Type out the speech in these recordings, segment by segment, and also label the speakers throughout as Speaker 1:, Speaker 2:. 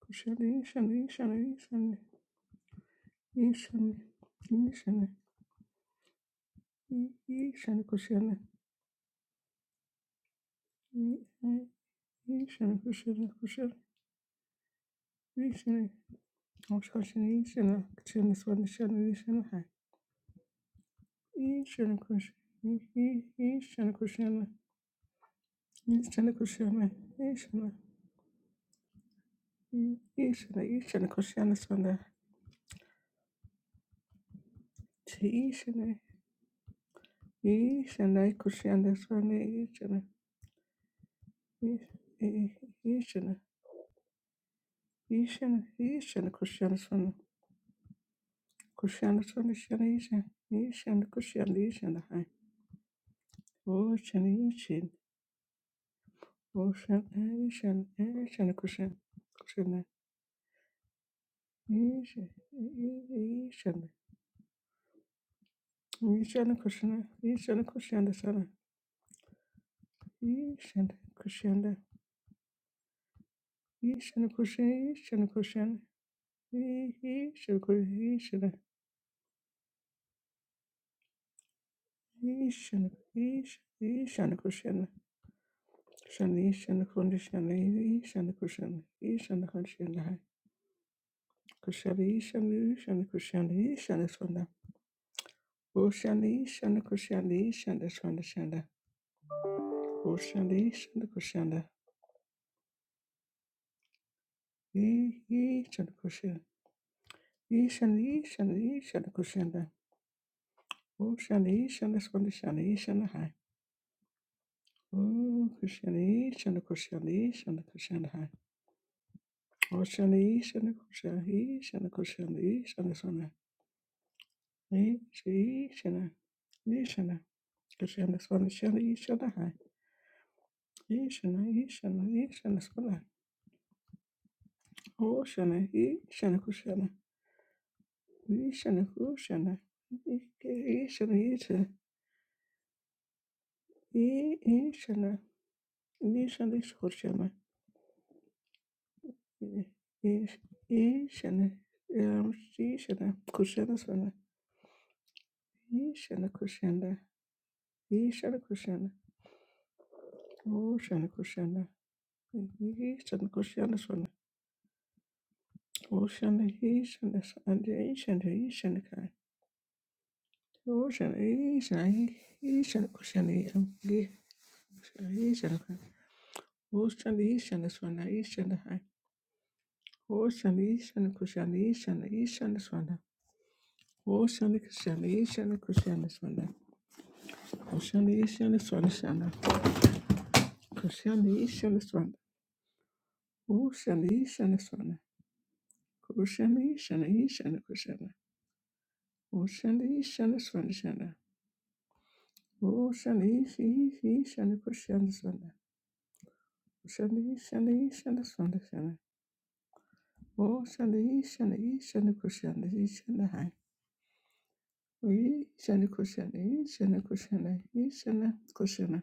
Speaker 1: kushani ishani ishani ishani ishani ishani i- ishani kushani i- i- ishani kushani kushani ishani kushani ishani kushani swani ishani ishani hai ishani kushani i- i- ishani kushani ishani kushani ishani i- ishani ishani kushani swani chi ishani ishani kushani swani ishani i- i- ishani ishani ishani kushani swani Kushanda tona shana yishana yishana kushanda yishana hai. Oh shana yishin. Oh shana yishana yishana kushana kushana yishana yishana yishana kushana yishana kushanda sana yishana kushanda yishana kushana yishana kushana yishana kushana yishana yishana yishana kushana shana yishana kushana yishana kushana yishana kushana hai. Kushani shani shani kushani shani swanda. Oshani shani kushani shani swanda shanda. Oshani shani kushanda. E e shani kushanda. E shani shani shani kushanda. Oshani shani swanda shani shani hai. O kushani shani kushani shani kushanda hai. Oshani shani kushani shani kushani shani swanda. E shani shani. E shani. Kushanda swanda shani shani hai. Yishana, yishana, yishana, skuna. Oshana, yishana, kushana. Yishana, kushana. Yishana, yishana. Yishana, yishana, yishana. Yishana, um, yishana, kushana, skuna. Yishana, kushana. Yishana, kushana. Oshana, kushana. Yishana, kushana, skuna. Oshana, yishana, and yishana, yishana, Ocean, Asian, Asian, Ocean, Amge, Asian, Ocean, Asian, Swana, Asian, High, Ocean, Asian, Cushion, Asian, Asian, Swana, Ocean, Cushion, Asian, Cushion, Swana, Ocean, Asian, Swana, Shana, Cushion, Asian, Swana, Ocean, Asian, Swana, Cushion, Asian, Asian, Cushion, Ocean, Asian, Swana, Shana, Ocean, Asian, Asian, Cushion, Swana, Ocean, Asian, Asian, Swana, Shana, Oh, Shani, Shani, Shani, Kushani, Shani, Hai. We, Shani, Kushani, Shani, Kushani, Shani, Kushani.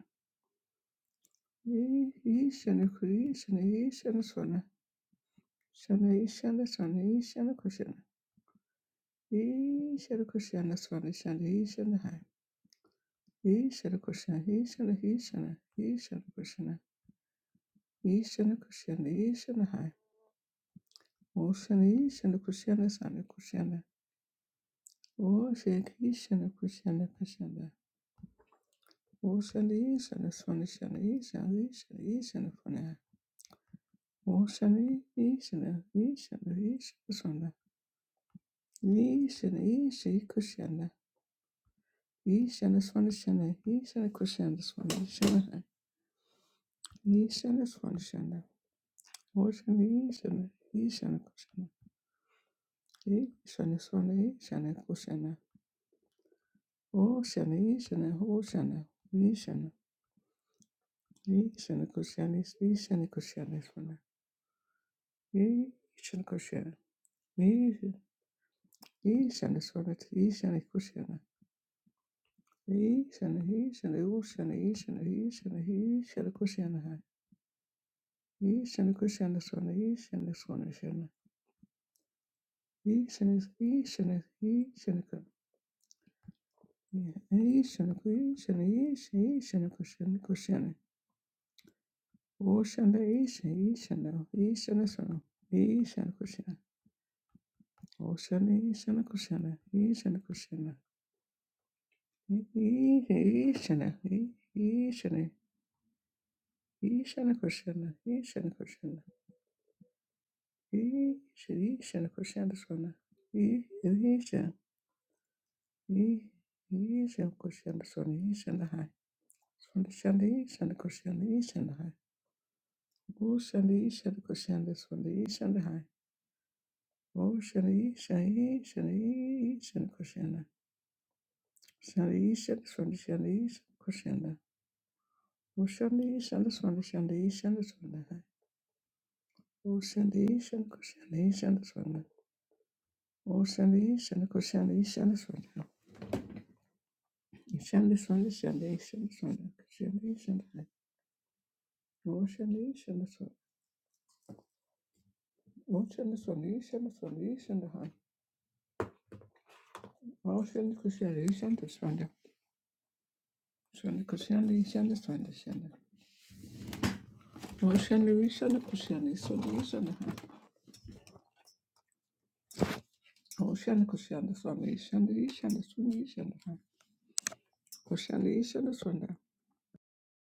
Speaker 1: We, Shani, Kuri, Shani, Shani, Swana. Shani, Shani, Shani, Shani, Kushani. We, Shani, Kushani, Swana, Shani, Shani, Hai. We, Shani, Kushani, Shani, Shani, Shani, Kushani. We, Shani, Kushani, Shani, Hai. Oh, Shani, Shani, Kushani, Shani, Kushani. Oh, Shani, Kushani, Kushani, Kushani. Ocean Eastern is Ocean Eastern Eastern Eastern Funa. Ocean Eastern Eastern Eastern Funa. Eastern Eastern Kushana. Eastern is Funishana. Eastern Kushana is Funishana. Eastern is Funishana. Ocean Eastern Eastern Kushana. Eastern is Funishana Kushana. Ocean Eastern Ocean Eastern. Eastern Kushana is Eastern Kushana is Funa. Eastern Kushana. Ishana sorata ishana kushana. Ishana ishana ushana ishana ishana ishana kushana hai. Ishana kushana sona ishana sona shana. Ishana ishana ishana ka. Ishana kushana ishana ishana kushana kushana. Oshana ishana ishana ishana sona. Ishana kushana. Oshana ishana kushana ishana kushana. Ishana ishana ishana Ishana Krishna, Ishana Krishna, Ishana Ishana Krishna Sona, Ishana Ishana Krishna Sona, Ishana Hai, Sona Shanda Ishana Krishna, Ishana Hai, O Shanda Ishana Krishna Sona, Ishana Hai, O Shanda Ishana Ishana Ishana Krishna, Shanda Ishana Sona Shanda Ishana Krishna, O Shanda Ishana Sona Shanda Ishana Sona Hai, O Shanda Ishana Krishna Ishana Sona. O Shandi, Shandi Ko Shandi, Shandi Swanda. Shandi Swanda, Shandi, Shandi Swanda. Shandi, Shandi. O Shandi, Shandi Swanda. O Shandi Swandi, Shandi Swandi, Shandi Han. O Shandi Ko Shandi, Shandi Swanda. Shandi Ko Shandi, Shandi Swanda, Shandi. O Shandi, Shandi Ko Shandi, Swandi, Shandi Han. O Shandi Ko Shandi, Swandi, Shandi, Shandi Swandi, Shandi Han. Ko Shandi, Shandi Swanda.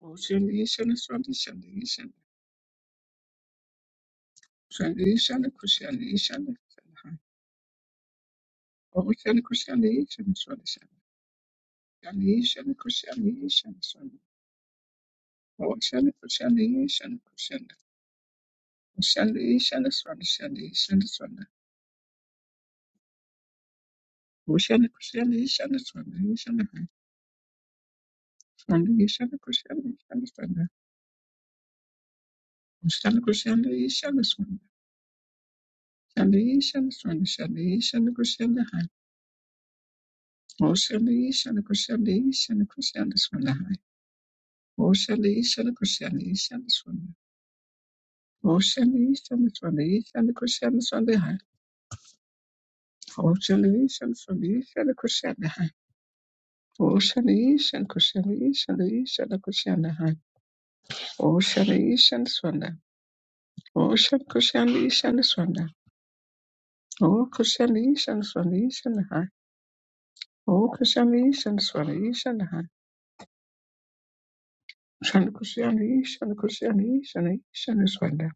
Speaker 1: O Shandi, Shandi Swanda, Shandi, Shandi. Shandi, Shandi Ko Shandi, Shandi Swanda Han. O Shandi Ko Shandi, Shandi Swanda. Krishna, Krishna, Swami. Oh, Krishna, Krishna, Krishna, Krishna. Krishna, Krishna, Swami, Krishna, Krishna, Swami. Krishna, Krishna, Krishna, Swami, Krishna, Krishna, Krishna, Krishna, Swami. Krishna, Krishna, Krishna, Swami. Krishna, Krishna, Swami, Krishna, Krishna, Krishna, Oh, Krishna, Krishna, Krishna, Krishna, Swami. Oh, Krishna, Krishna, Krishna, Swami. Oh, Krishna, Krishna, Krishna, Krishna, Swami. Oh, Krishna, Krishna, Krishna, Krishna, Swami. Ocean, Cushion, Ishan, Kushanahan. Ocean, Ishan, Swanda. Ocean, Cushion, Ishan, Swanda. Oh, Cushion, Ishan, Swanda, Ishanahan. Oh, Cushion, Ishan, Swanda, Ishanahan. Shan Cushion, Ishan, Cushion, Ishan, Ishan, Swanda.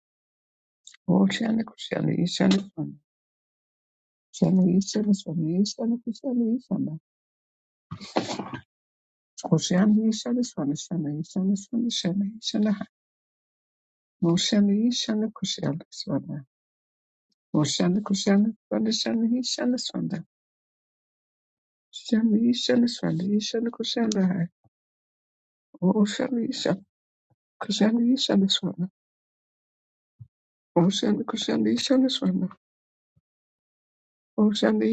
Speaker 1: Ocean, Cushion, Ishan, Swanda. Shan Ishan, Swanda, Ishan, Cushion, Ishan. Cushion, Ishan, Swanda, Kushani Shan Ishan, Swanda, Shan Ishanahan. Ocean, Ishan, Cushion, Swanda. Koshanda, koshanda, shanda, shanda, he, shanda, shanda. Shanda, he, shanda, shanda, hai. Oh, shanda, he, shanda, koshanda, he, shanda, shanda. Oh, shanda, koshanda, he, shanda, shanda. Oh, shanda,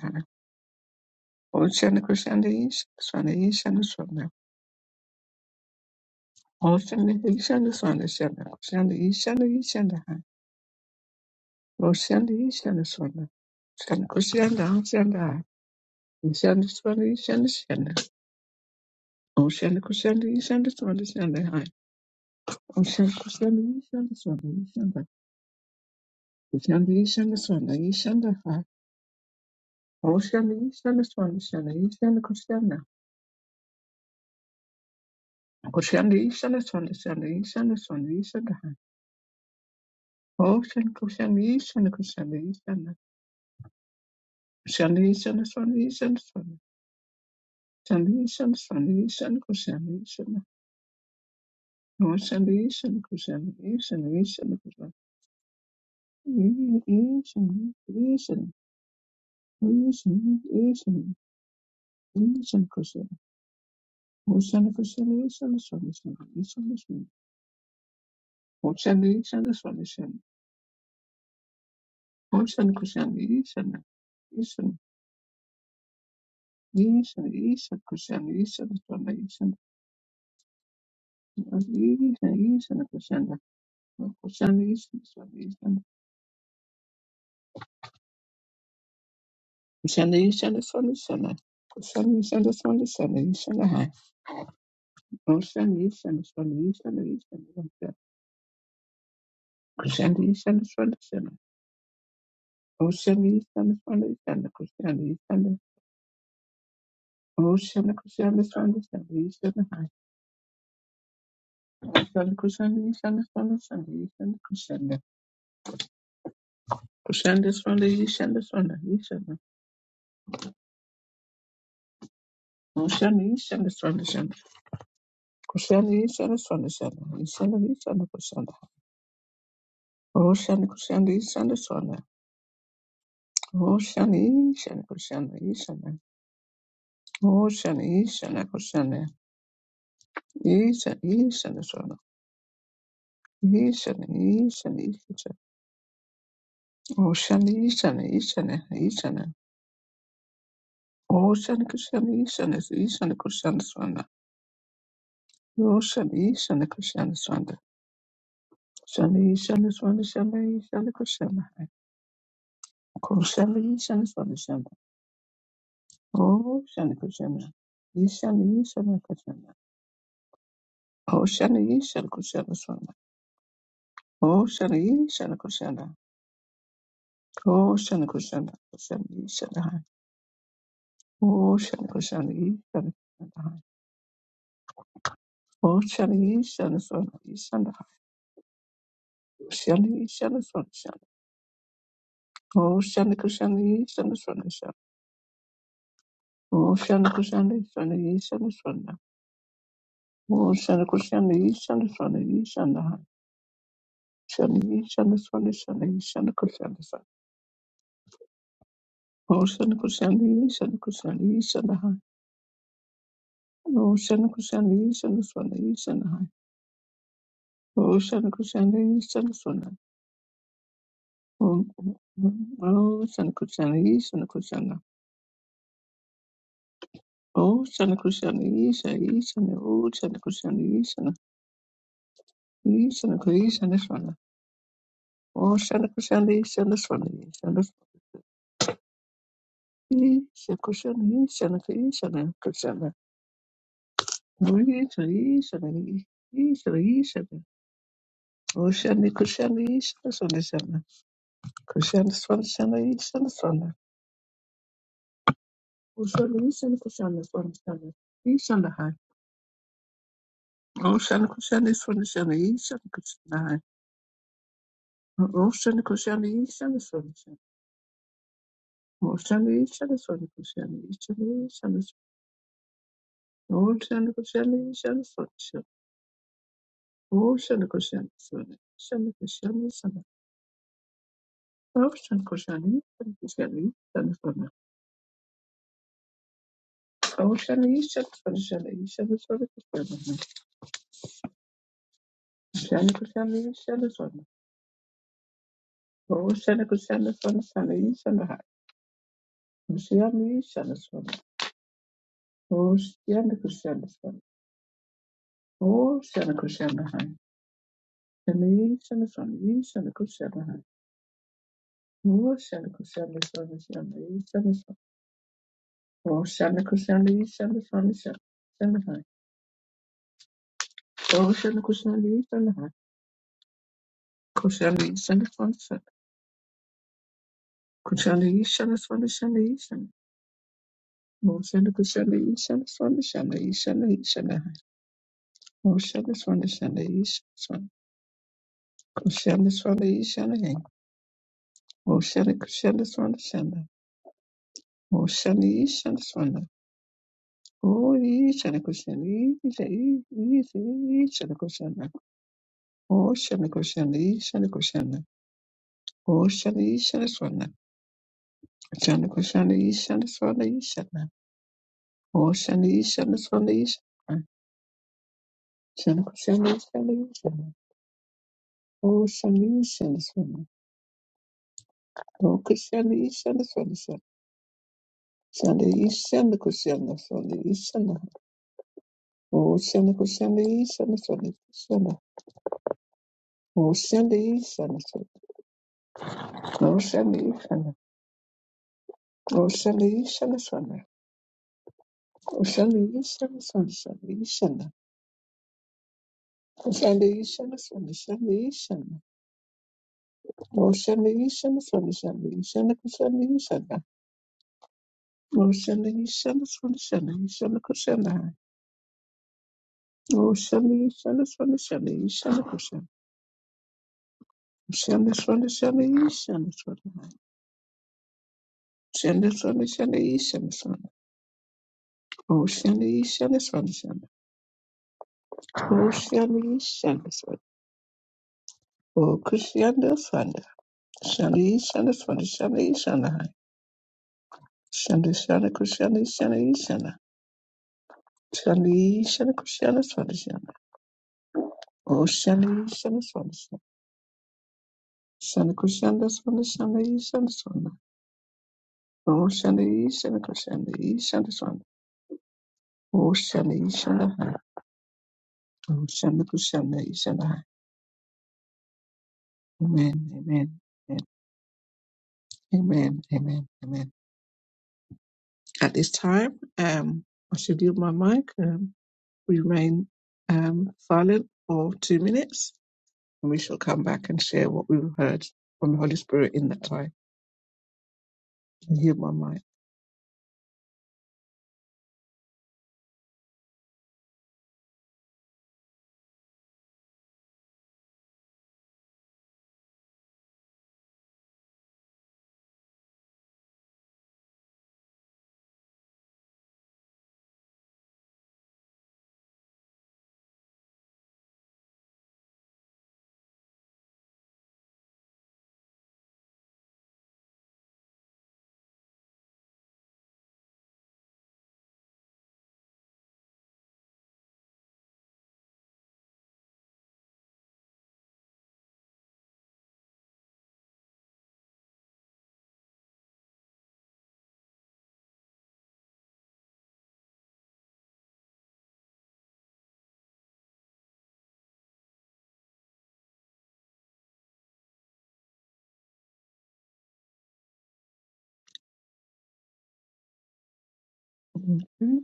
Speaker 1: hai. Oh, shanda, koshanda, he, shanda, shanda, he, shanda, shanda. Oh, shanda, he, shanda, hai. Oh, shanda, he, shanda, shanda. Shanda, oh, hai. He, shanda, shanda, he, shanda, shanda. Oh, shanda, koshanda, Ocean kushanda yishanda swanda yishanda kushanda yishanda swanda yishanda ha ocean yishanda swanda shanda yishanda kushanda kushanda yishanda swanda shanda yishanda swanda yishanda ha ocean kushanda yishanda kushanda yishanda kushanda yishanda swanda yishanda swanda shanda yishanda swanda yishanda kushanda yishanda ocean yishanda kushanda yishanda yishanda kushanda yishanda yishanda yishanda yishanda yishanda kushanda Ocean reconciliation is solution. Ocean is reconciliation is solution. Ocean reconciliation. Ocean. Ocean. Ocean reconciliation is solution. Ocean. Ocean reconciliation. Ocean Reconciliation is solution. Ocean Reconciliation is solution. Ocean Reconciliation is solution. Ocean Reconciliation is solution. Ocean Reconciliation is solution. Ocean Reconciliation is solution. Ocean Reconciliation is solution. Ocean Reconciliation is solution. Ishanda kushanda ishanda swanda shanda ishanda kushanda kushanda swanda ishanda swanda ishanda kushanda ishanda swanda shanda kushanda ishanda swanda shanda ishanda ishanda kushanda oshanda kushanda ishanda swanda oshanda ishanda kushanda ishanda oshanda ishanda kushanda ishanda ishanda swanda ishanda ishanda ishanda oshanda ishanda ishanda ishanda oshanda kushanda ishanda ishanda kushanda swanda Yo shali shali kushali shanda shali shali shanda shali shali kushali ko shali shali shanda shanda oh shali kushali shali shali kushali oh shali shali kushali shanda oh shali shali kushali ko shali kushali shali shali hai oh shali kushali shali shali oh shali shali shanda shanda hai shali shali shanda shanda oh shali kushali shali shanda shanda oh shali kushali shali shali shanda Shanda Kushanda Yishanda Swanda Yishanda Shanda Yishanda Swanda Shanda Yishanda Kushanda Swanda Oh Shanda Kushanda Yishanda Kushanda Yishanda Hai Oh Shanda Kushanda Yishanda Swanda Yishanda Hai Oh Shanda Kushanda Yishanda Swanda Oh Shanda Kushanda Yishanda Kushanda Oh Shanda Kushanda Yishanda Yishanda Oh Shanda Kushanda Yishanda Yishanda Kushanda Swanda Oh Shanda Kushanda Yishanda Swanda Yishanda Yishanda Kushanda Yishanda Kushanda Ishara, ishara, ishara, ishara. Oshani, kushani, ishara, swani, shana. Kushani, swani, shana, ishana, swana. Oshani, ishani, kushani, swani, shana. Ishana, hai. Oshani, kushani, swani, shana, ishana, kushana, hai. Oshani, kushani, ishana, swani, shana. Oshani, ishana, swani, kushani, ishana, ishana, swana. Oshani, kushani, ishana, swani, shana. Oshani, kushani, swani, ishana, kushani, shana. Oshani, kushani, ishana, kushani, ishana, swana. Oceanisha, Oceanisha, the Sonic Sermon. Oceanisha, the Sonic. Oceanisha, the Sonic, Sanis and the High. Oceanisha, the Sonic. Oceanisha, the Sonic. Oceanisha, the High. Sanis and the Sonic, East and the Cushion the High. Oceanisha, the Sonic, and the East and the Sun. Oceanisha, the East and the Sonic, and the High. Oceanisha, the East and the High. Cushion the East and the Sonic. Cushion the East and the Sonic, and the East. Ocean kushana Ishana Swana Shana Ishana Ishana Ocean is one Shana Ishana Ocean is one Ishana Ocean Kushana Swana Shana Ocean Ishana Swana O Ishana Kushana Ishana Ishana Kushana Ocean Kushana Ishana Kushana Ocean Ishana Swana Shana Kushana Ishana Swana Ishana Ocean Ishana Swana Ishana Shana Kushana Ishana Ishana Ocean Ishana Swana O Krishna Ishana Swanasa. Shana Ishana Krishna Swana Ishana. O Shana Krishna Ishana Swana Krishna. O Shana Ishana Swana. O Shana Ishana. O Shana Ishana Swana. O Shana Ishana Swana Shana Ishana. O Shana Ishana Swana Shana Ishana. O Shana Ishana Swana Shana Ishana Krishna Ishana. O Shana Ishana Swana Shana Ishana Krishna. O Shana Ishana Swana Shana Ishana Krishna. Shanda shanda shanda yi shanda shanda hai. Shanda shanda shanda yi shanda shanda. Oh shanda yi shanda shanda shanda. Oh shanda yi shanda shanda. Oh kushanda shanda. Shanda yi shanda shanda shanda yi shanda hai. Shanda shanda kushanda yi shanda yi shanda. Shanda yi shanda kushanda shanda shanda. Oh shanda yi shanda shanda shanda. Shanda kushanda shanda shanda yi shanda shanda. Oh shanda yi shanda kushanda yi shanda shanda. Oh shanda yi shanda hai. Oh shanda kushanda yi shanda hai. Amen. Amen. Amen. Amen. Amen. Amen. At this time, um, I should yield my mic. Um, we remain um, silent for two minutes, and we shall come back and share what we've heard from the Holy Spirit in that time. I yield my mic. Okay.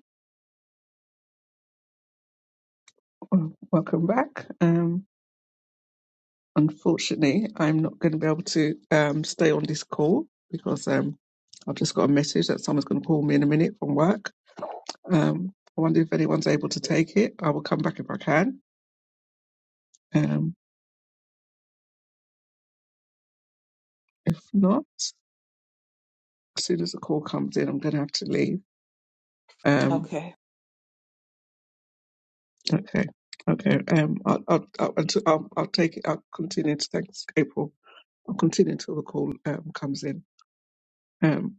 Speaker 1: Well, Welcome back. Um, unfortunately, I'm not going to be able to um, stay on this call because um, I've just got a message that someone's going to call me in a minute from work. Um, I wonder if anyone's able to take it. I will come back if I can. Um, if not, as soon as the call comes in, I'm going to have to leave. Um,
Speaker 2: Okay.
Speaker 1: okay, okay. Um, I'll, I'll, I'll, I'll, I'll take it. I'll continue to thanks April. I'll continue until the call um, comes in. Um,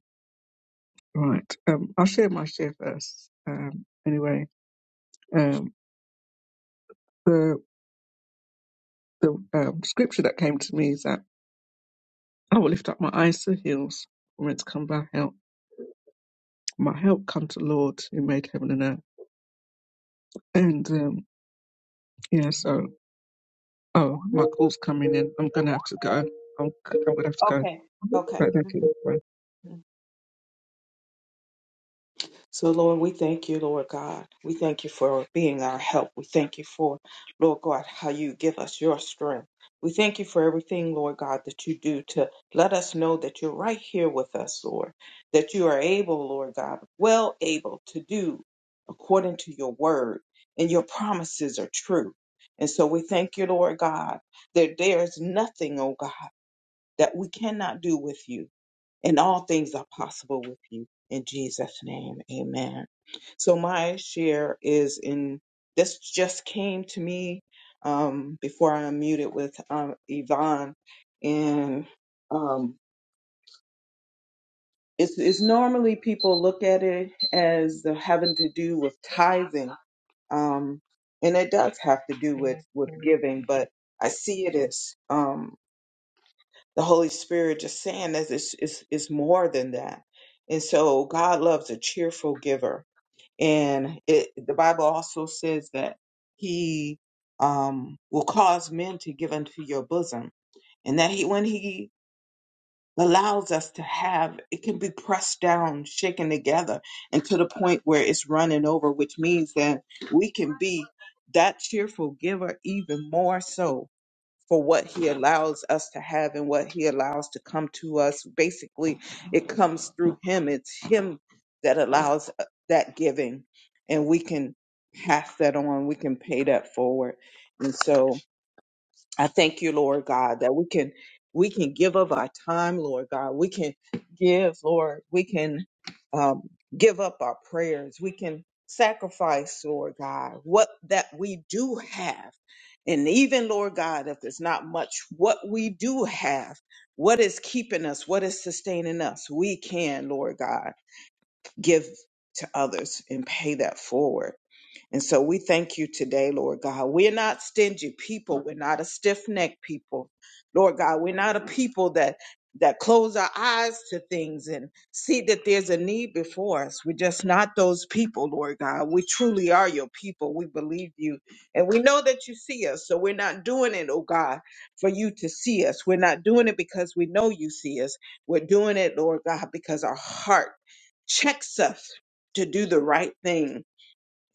Speaker 1: right. Um, I'll share my share first. Um, anyway, um, the the um, scripture that came to me is that I will lift up my eyes to the hills, whence come my help. My help come to the Lord who made heaven and earth. And um, yeah, so Oh, my call's coming in. I'm gonna have to go. I'm, I'm gonna have to go.
Speaker 2: Okay. Okay.
Speaker 1: Right, thank you. Bye.
Speaker 2: Mhm. So, Lord, we thank you, Lord God. We thank you for being our help. We thank you for, Lord God, how you give us your strength. We thank you for everything, Lord God, that you do to let us know that you're right here with us, Lord, that you are able, Lord God, well able to do according to your word, and your promises are true. And so we thank you, Lord God, that there is nothing, oh God, that we cannot do with you. and all things are possible with you. In Jesus' name, amen. So my share is in this just came to me um, before I unmuted with um, Yvonne, and um, it's, it's normally people look at it as having to do with tithing, um, and it does have to do with with giving, but I see it as um, the Holy Spirit just saying that it's, it's, it's more than that. And so God loves a cheerful giver. And it, the Bible also says that he um, will cause men to give unto your bosom. And that he, when he allows us to have, it can be pressed down, shaken together, and to the point where it's running over, which means that we can be that cheerful giver even more so for what he allows us to have and what he allows to come to us. Basically, it comes through him. It's him that allows uh, that giving, and we can pass that on. We can pay that forward. And so I thank you, Lord God, that we can we can give of our time, Lord God. We can give, Lord. We can um, give up our prayers. We can sacrifice, Lord God, what that we do have, and even Lord God, if there's not much, what we do have, what is keeping us, what is sustaining us, we can, Lord God, give to others and pay that forward. And so we thank you today, Lord God. We're not stingy people. We're not a stiff-necked people. Lord God, we're not a people that that close our eyes to things and see that there's a need before us. We're just not those people, Lord God. We truly are your people. We believe you. And we know that you see us. So we're not doing it, oh God, for you to see us. We're not doing it because we know you see us. We're doing it, Lord God, because our heart checks us to do the right thing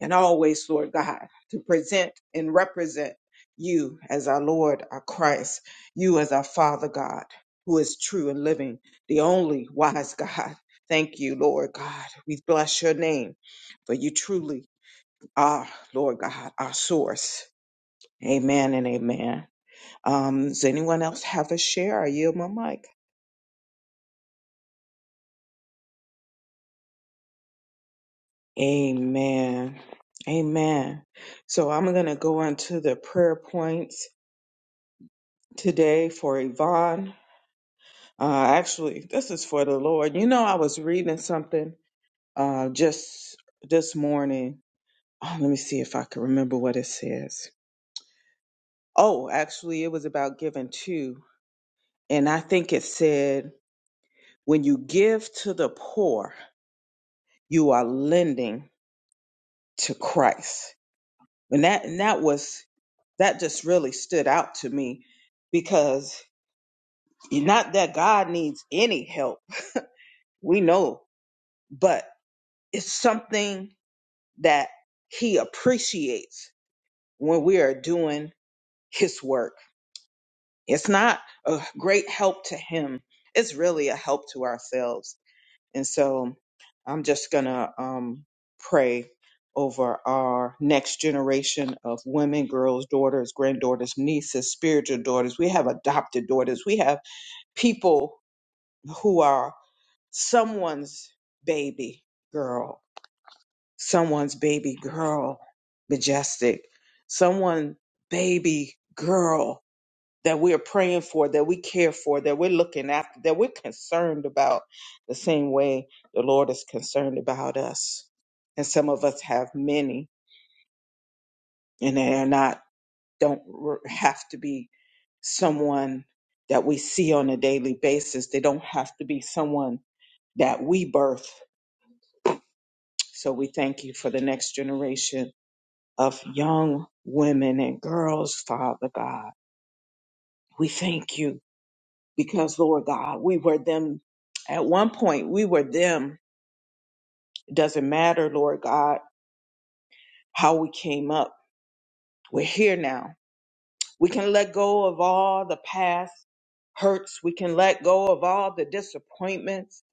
Speaker 2: and always, Lord God, to present and represent you as our Lord, our Christ, you as our Father God, who is true and living, the only wise God. Thank you, Lord God. We bless your name, for you truly are, Lord God, our source. Amen and amen. Um, does anyone else have a share? I yield my mic. Amen. Amen. So I'm going to go into the prayer points today for Yvonne. Uh, actually, this is for the Lord. You know, I was reading something uh, just this morning. Oh, let me see if I can remember what it says. Oh, actually, it was about giving too. And I think it said, when you give to the poor, you are lending to Christ. And that, and that was, that just really stood out to me because not that God needs any help. We know, but it's something that he appreciates when we are doing his work. It's not a great help to him. It's really a help to ourselves. And so I'm just going to um, pray over our next generation of women, girls, daughters, granddaughters, nieces, spiritual daughters. We have adopted daughters. We have people who are someone's baby girl someone's baby girl majestic, someone baby girl that we're praying for, that we care for, that we're looking after, that we're concerned about the same way the Lord is concerned about us. And some of us have many, and they are not, don't r- have to be someone that we see on a daily basis. They don't have to be someone that we birth. So we thank you for the next generation of young women and girls, Father God. We thank you because, Lord God, we were them at one point. We were them. It doesn't matter, Lord God, how we came up. We're here now. We can let go of all the past hurts. We can let go of all the disappointments.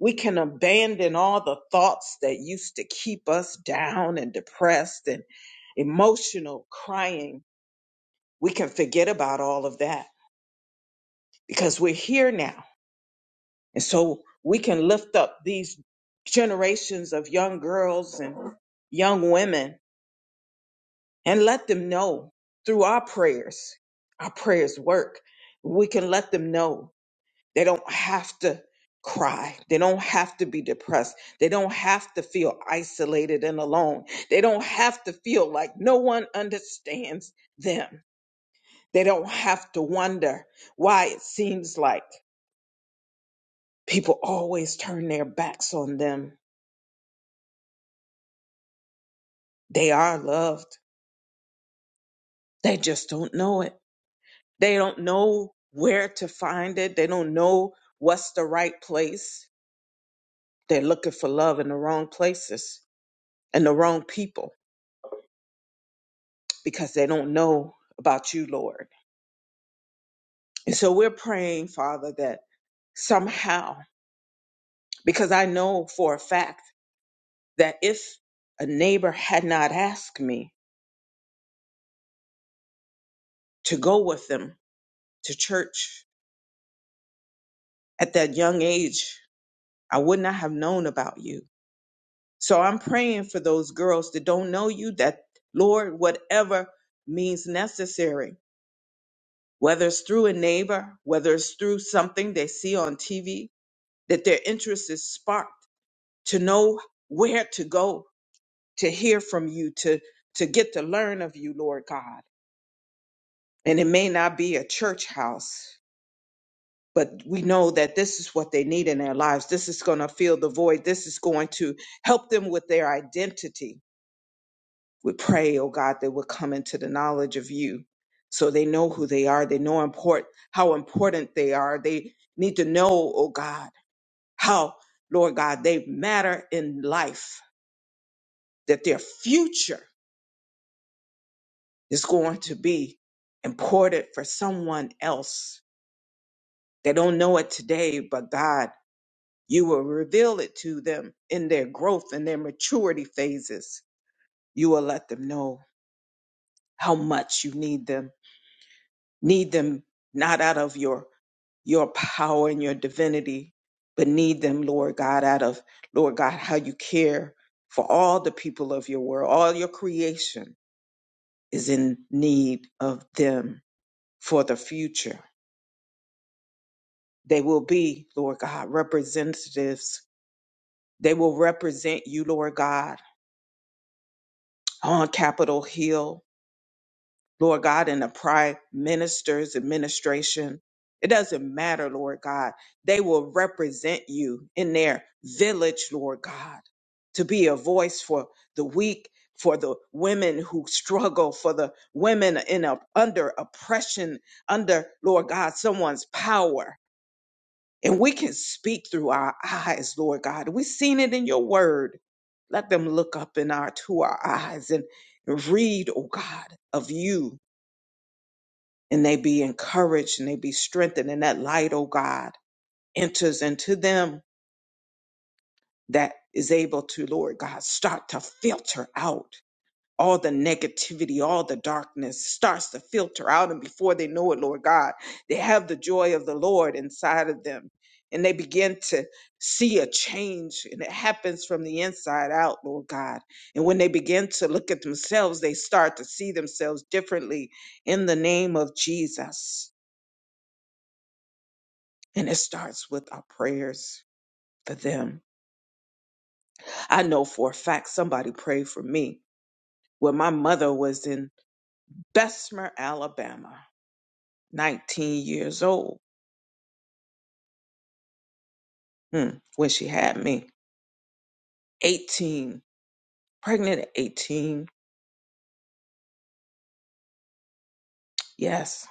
Speaker 2: We can abandon all the thoughts that used to keep us down and depressed and emotional crying. We can forget about all of that because we're here now. And so we can lift up these generations of young girls and young women and let them know through our prayers, our prayers work. We can let them know they don't have to cry. They don't have to be depressed. They don't have to feel isolated and alone. They don't have to feel like no one understands them. They don't have to wonder why it seems like People always turn their backs on them. They are loved. They just don't know it. They don't know where to find it. They don't know what's the right place. They're looking for love in the wrong places and the wrong people because they don't know about you, Lord. And so we're praying, Father, that somehow, because I know for a fact that if a neighbor had not asked me to go with them to church at that young age, I would not have known about you. So I'm praying for those girls that don't know you that, Lord, whatever means necessary, whether it's through a neighbor, whether it's through something they see on TV, that their interest is sparked to know where to go to hear from you, to, to get to learn of you, Lord God. And it may not be a church house, but we know that this is what they need in their lives. This is going to fill the void. This is going to help them with their identity We pray, oh God, they will come into the knowledge of you so they know who they are. They know import, how important they are. They need to know, oh God, how, Lord God, they matter in life, that their future is going to be important for someone else. They don't know it today, but God, you will reveal it to them in their growth and their maturity phases. You will let them know how much you need them. Need them not out of your your power and your divinity, but need them, Lord God, out of, Lord God, how you care for all the people of your world. All your creation is in need of them for the future. They will be, Lord God, representatives. They will represent you, Lord God, on Capitol Hill Lord God, in the prime minister's administration. It doesn't matter, Lord God. They will represent you in their village, Lord God, to be a voice for the weak, for the women who struggle, for the women in a, under oppression, under, Lord God, someone's power. And we can speak through our eyes, Lord God. We've seen it in your word. Let them look up in our to our eyes and read, oh God, of you and they be encouraged and they be strengthened and that light oh god enters into them that is able to lord god start to filter out all the negativity all the darkness starts to filter out and before they know it lord god they have the joy of the lord inside of them and they begin to see a change and it happens from the inside out lord god and when they begin to look at themselves they start to see themselves differently in the name of jesus And it starts with our prayers for them. I know for a fact somebody prayed for me when my mother was in Bessemer, Alabama, 19 years old hmm, when she had me, 18, pregnant at 18. Yes,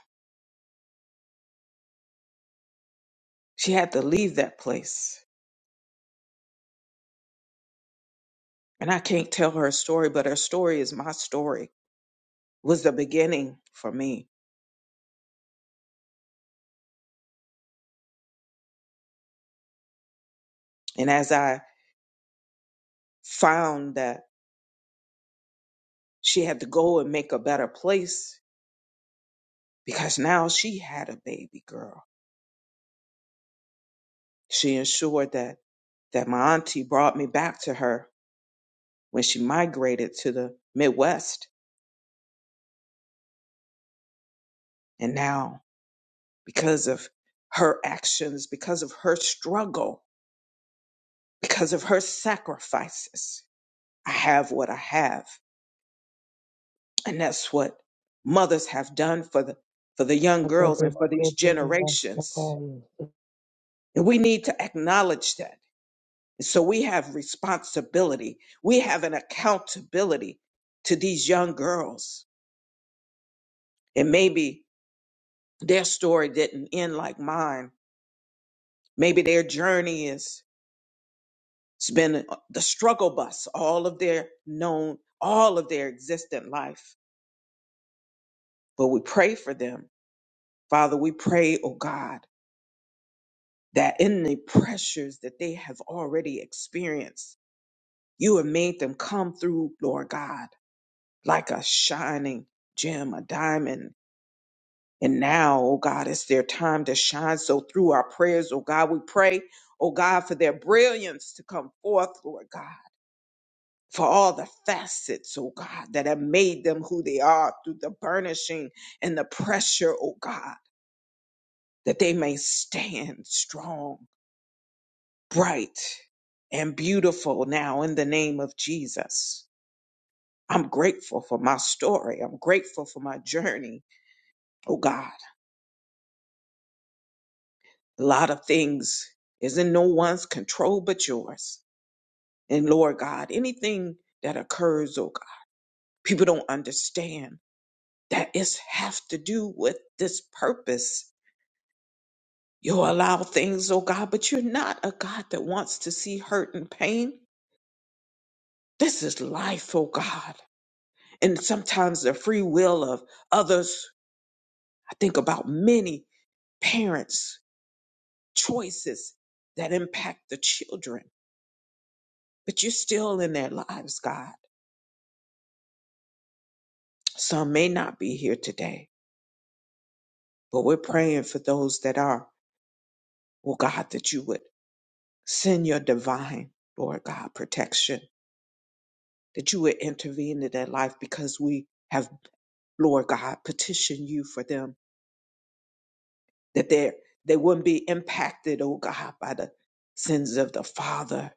Speaker 2: she had to leave that place. And I can't tell her story, but her story is my story, It was the beginning for me. And as I found that she had to go and make a better place because now she had a baby girl She ensured that, that my auntie brought me back to her when she migrated to the Midwest. And now, because of her actions, because of her struggle, because of her sacrifices, I have what I have. And that's what mothers have done for the, for the young
Speaker 3: I'll
Speaker 2: girls and for these generations. And we need to acknowledge that. And So we have responsibility. We have an accountability to these young girls. And maybe their story didn't end like mine. Maybe their journey is it's been the struggle bus all of their known, all of their existent life. But we pray for them. Father, we pray, oh God, that in the pressures that they have already experienced, you have made them come through, Lord God, like a shining gem, a diamond And now, oh God, it's their time to shine. So through our prayers, oh God, we pray, oh God, for their brilliance to come forth, Lord God, for all the facets, oh God, that have made them who they are through the burnishing and the pressure, oh God, that they may stand strong, bright, and beautiful now in the name of Jesus. I'm grateful for my story. I'm grateful for my journey. Oh God, a lot of things is in no one's control but yours. And Lord God, anything that occurs, oh God, people don't understand that it's have to do with this purpose. You allow things, oh God, but you're not a God that wants to see hurt and pain. This is life, oh God. And sometimes the free will of others, I think about many parents' choices that impact the children, but you're still in their lives, God. Some may not be here today, but we're praying for those that are. oh God, that you would send your divine, Lord God, protection, that you would intervene in their life because we have, Lord God, petitioned you for them, that they they wouldn't be impacted, oh God, by the sins of the father,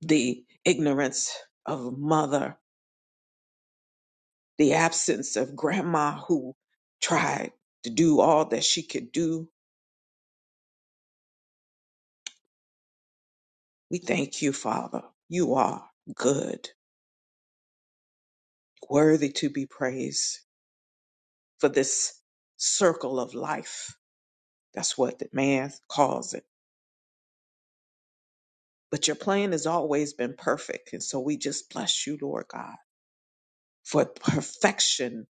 Speaker 2: the ignorance of mother, the absence of grandma who tried to do all that she could do. We thank you, Father. You are good, worthy to be praised. for this circle of life. That's what the man calls it. But your plan has always been perfect. And so we just bless you, Lord God, for perfection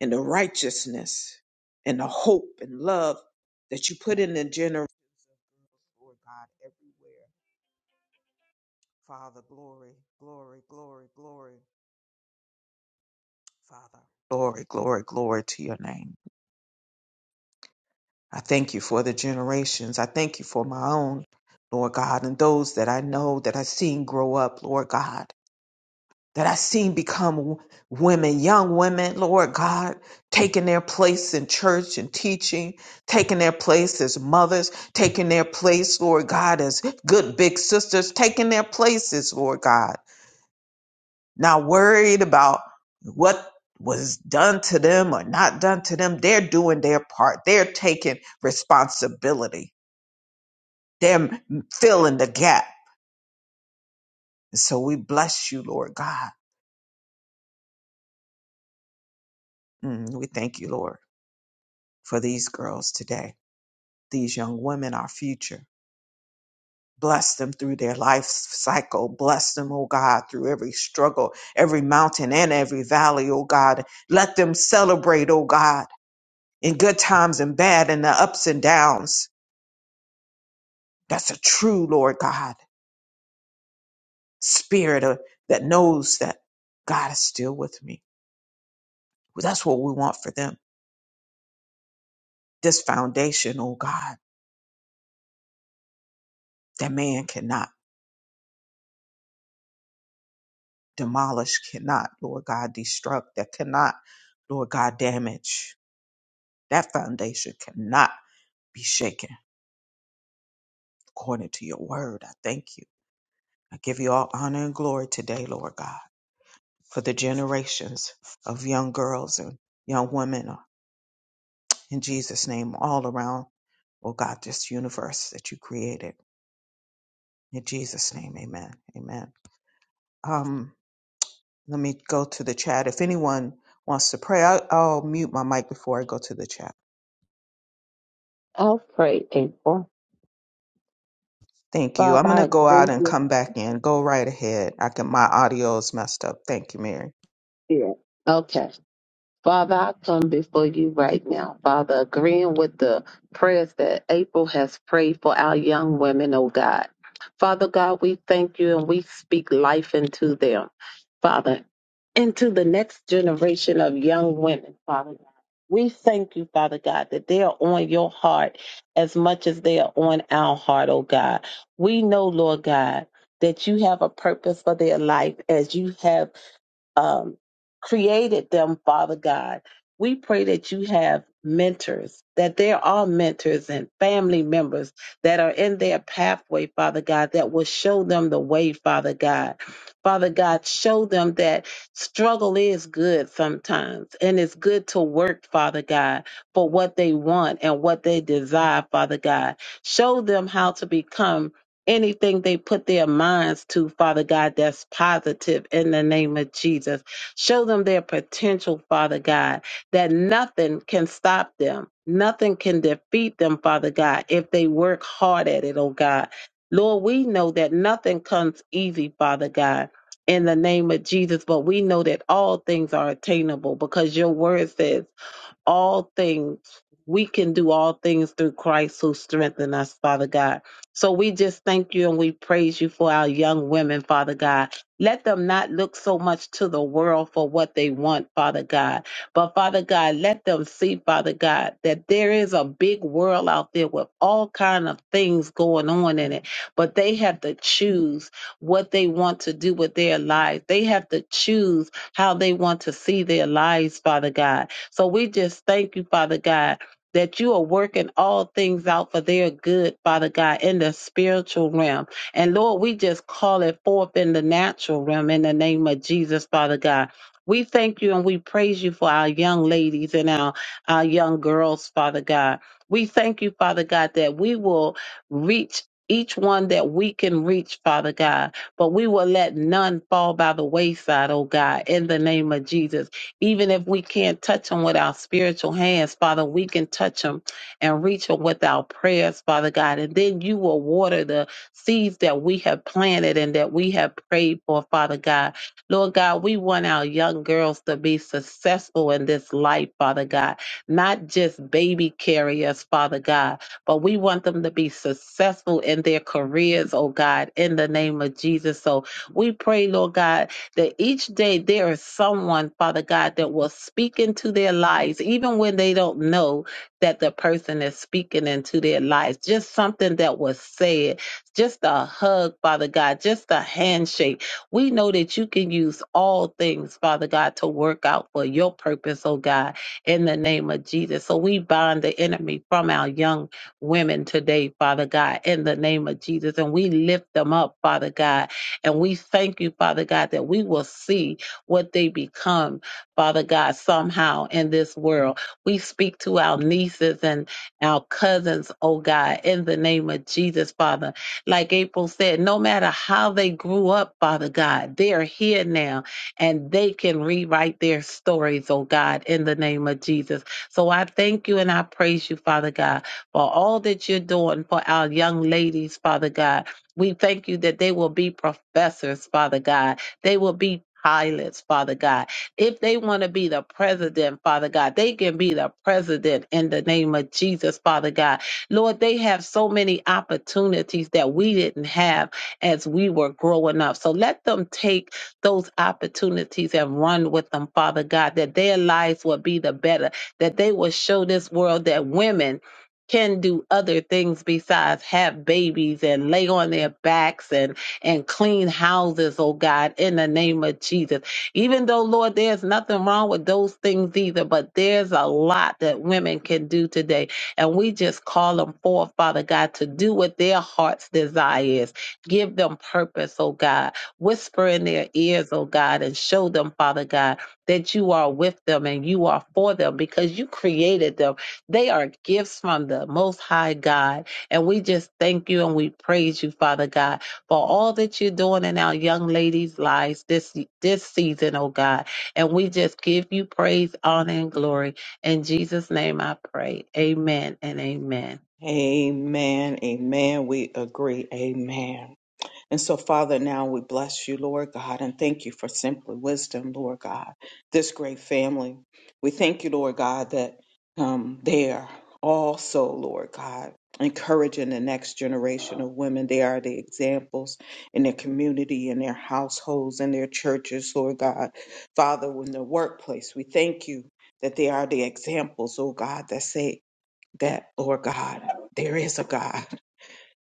Speaker 2: and the righteousness and the hope and love that you put in the generation. Lord God, everywhere. Father, glory, glory, glory, glory, Father. Glory, glory, glory to your name. I thank you for the generations. I thank you for my own, Lord God, and those that I know that I've seen grow up, Lord God, that I've seen become w- women, young women, Lord God, taking their place in church and teaching, taking their place as mothers, taking their place, Lord God, as good big sisters, taking their places, Lord God, not worried about what was done to them or not done to them. They're doing their part, they're taking responsibility. They're filling the gap. And so we bless you, Lord God. Mm, we thank you, Lord, for these girls today, these young women, our future. Bless them through their life cycle. Bless them, oh God, through every struggle, every mountain and every valley, oh God. Let them celebrate, oh God, in good times and bad, in the ups and downs. That's a true, Lord God, spirit of, that knows that God is still with me. Well, That's what we want for them. This foundation, oh God. that man cannot demolish, cannot, Lord God, destruct, that cannot, Lord God, damage. That foundation cannot be shaken according to your word. I thank you. I give you all honor and glory today, Lord God, for the generations of young girls and young women uh, in Jesus' name all around, oh God, this universe that you created. In Jesus' name, amen. Amen. Um. Let me go to the chat. If anyone wants to pray, I, I'll mute my mic before I go to the chat.
Speaker 3: pray, April.
Speaker 2: Thank you. I'm
Speaker 3: Father,
Speaker 2: going
Speaker 3: I
Speaker 2: to go out
Speaker 3: agree
Speaker 2: and
Speaker 3: with
Speaker 2: come back in. Go right ahead. I can, my audio is messed up. Thank you, Mary.
Speaker 3: you. Okay. Father, I come before you right now, Father, agreeing with the prayers that April has prayed for our young women, oh God. Father God, we thank you and we speak life into them, Father, into the next generation of young women, Father God. We thank you, Father God, that they are on your heart as much as they are on our heart, oh God. We know, Lord God, that you have a purpose for their life as you have um, created them, Father God. We pray that you have mentors, that there are mentors and family members that are in their pathway, Father God, that will show them the way, Father God. Father God, show them that struggle is good sometimes, and it's good to work, Father God, for what they want and what they desire, Father God. Show them how to become anything they put their minds to, Father God, that's positive in the name of Jesus. Show them their potential, Father God, that nothing can stop them. Nothing can defeat them, Father God, if they work hard at it, oh God. Lord, we know that nothing comes easy, Father God. In the name of Jesus, but we know that all things are attainable because your word says all things. We can do all things through Christ who strengthen us, Father God. So we just thank you and we praise you for our young women, Father God. Let them not look so much to the world for what they want, Father God. But Father God, let them see, Father God, that there is a big world out there with all kind of things going on in it. But they have to choose what they want to do with their lives. They have to choose how they want to see their lives, Father God. So we just thank you, Father God, that you are working all things out for their good, Father God, in the spiritual realm. And Lord, we just call it forth in the natural realm in the name of Jesus, Father God. We thank you and we praise you for our young ladies and our, our young girls, Father God. We thank you, Father God, that we will reach each one that we can reach, Father God, but we will let none fall by the wayside, oh God, in the name of Jesus. Even if we can't touch them with our spiritual hands, Father, we can touch them and reach them with our prayers, Father God. And then you will water the seeds that we have planted and that we have prayed for, Father God. Lord God, we want our young girls to be successful in this life, Father God, not just baby carriers, Father God, but we want them to be successful in their careers, oh God, in the name of Jesus. So we pray, Lord God, that each day there is someone, Father God, that will speak into their lives, even when they don't know that the person is speaking into their lives. Just something that was said, just a hug, Father God, just a handshake. We know that you can use all things, Father God, to work out for your purpose, oh God, in the name of Jesus. So we bind the enemy from our young women today, Father God, in the name of Jesus. And we lift them up, Father God and we thank you, Father God, that we will see what they become, Father God, somehow in this world. We speak to our nieces and our cousins, oh God, in the name of Jesus, Father. Like April said, no matter how they grew up, Father God, they are here now and they can rewrite their stories, oh God, in the name of Jesus. So I thank you and I praise you, Father God, for all that you're doing for our young ladies, Father God we thank you that they will be professors, Father God. They will be pilots, Father God. If they want to be the president, Father God, they can be the president in the name of Jesus, Father God. Lord, they have so many opportunities that we didn't have as we were growing up. So let them take those opportunities and run with them, Father God, that their lives will be the better, that they will show this world that women can do other things besides have babies and lay on their backs and and clean houses oh god in the name of jesus even though lord there's nothing wrong with those things either but there's a lot that women can do today and we just call them forth father god to do what their hearts desire is give them purpose oh god whisper in their ears oh god and show them father god that you are with them and you are for them because you created them they are gifts from the Most High God. And we just thank you and we praise you, Father God, for all that you're doing in our young ladies' lives this, this season, oh God. And we just give you praise, honor, and glory. In Jesus' name I pray. Amen and amen.
Speaker 2: Amen. Amen. We agree. Amen. And so, Father, now we bless you, Lord God, and thank you for simply wisdom, Lord God, this great family. We thank you, Lord God, that um, they are also, Lord God, encouraging the next generation of women. They are the examples in their community, in their households, in their churches, Lord God. Father, in the workplace, we thank you that they are the examples, oh God, that say that, Lord God, there is a God,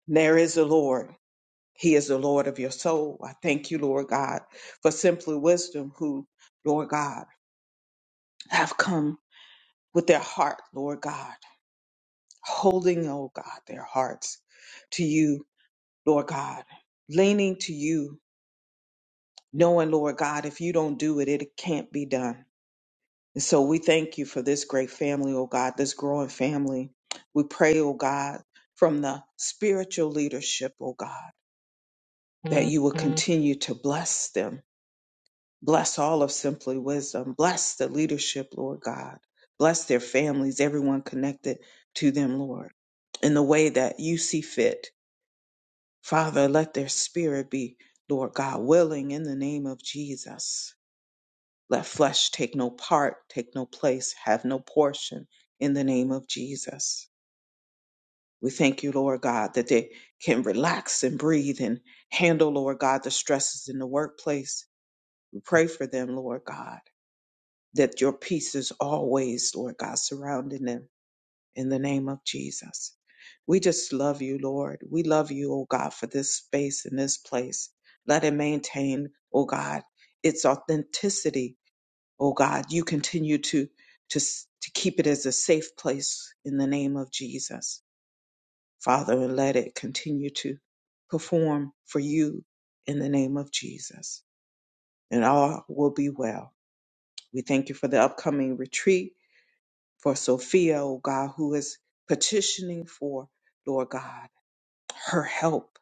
Speaker 2: there is a Lord. He is the Lord of your soul. I thank you, Lord God, for simply wisdom who, Lord God, have come with their heart, Lord God, holding, oh God, their hearts to you, Lord God, leaning to you, knowing, Lord God, if you don't do it, it can't be done. And so we thank you for this great family, oh God, this growing family. We pray, oh God, from the spiritual leadership, oh God, that you will continue to bless them Bless all of Simply Wisdom. Bless the leadership, Lord God. Bless their families, everyone connected to them, Lord, in the way that you see fit. Father, let their spirit be, Lord God, willing in the name of Jesus. Let flesh take no part, take no place, have no portion in the name of Jesus. We thank you, Lord God, that they can relax and breathe and handle, Lord God, the stresses in the workplace. We pray for them, Lord God that your peace is always, Lord God, surrounding them in the name of Jesus. We just love you, Lord. We love you, oh God, for this space and this place. Let it maintain, oh God, its authenticity, oh God. You continue to, to, s- to keep it as a safe place in the name of Jesus, Father, and let it continue to perform for you in the name of Jesus. And all will be well. We thank you for the upcoming retreat for Sophia, oh God, who is petitioning for, Lord God, her help.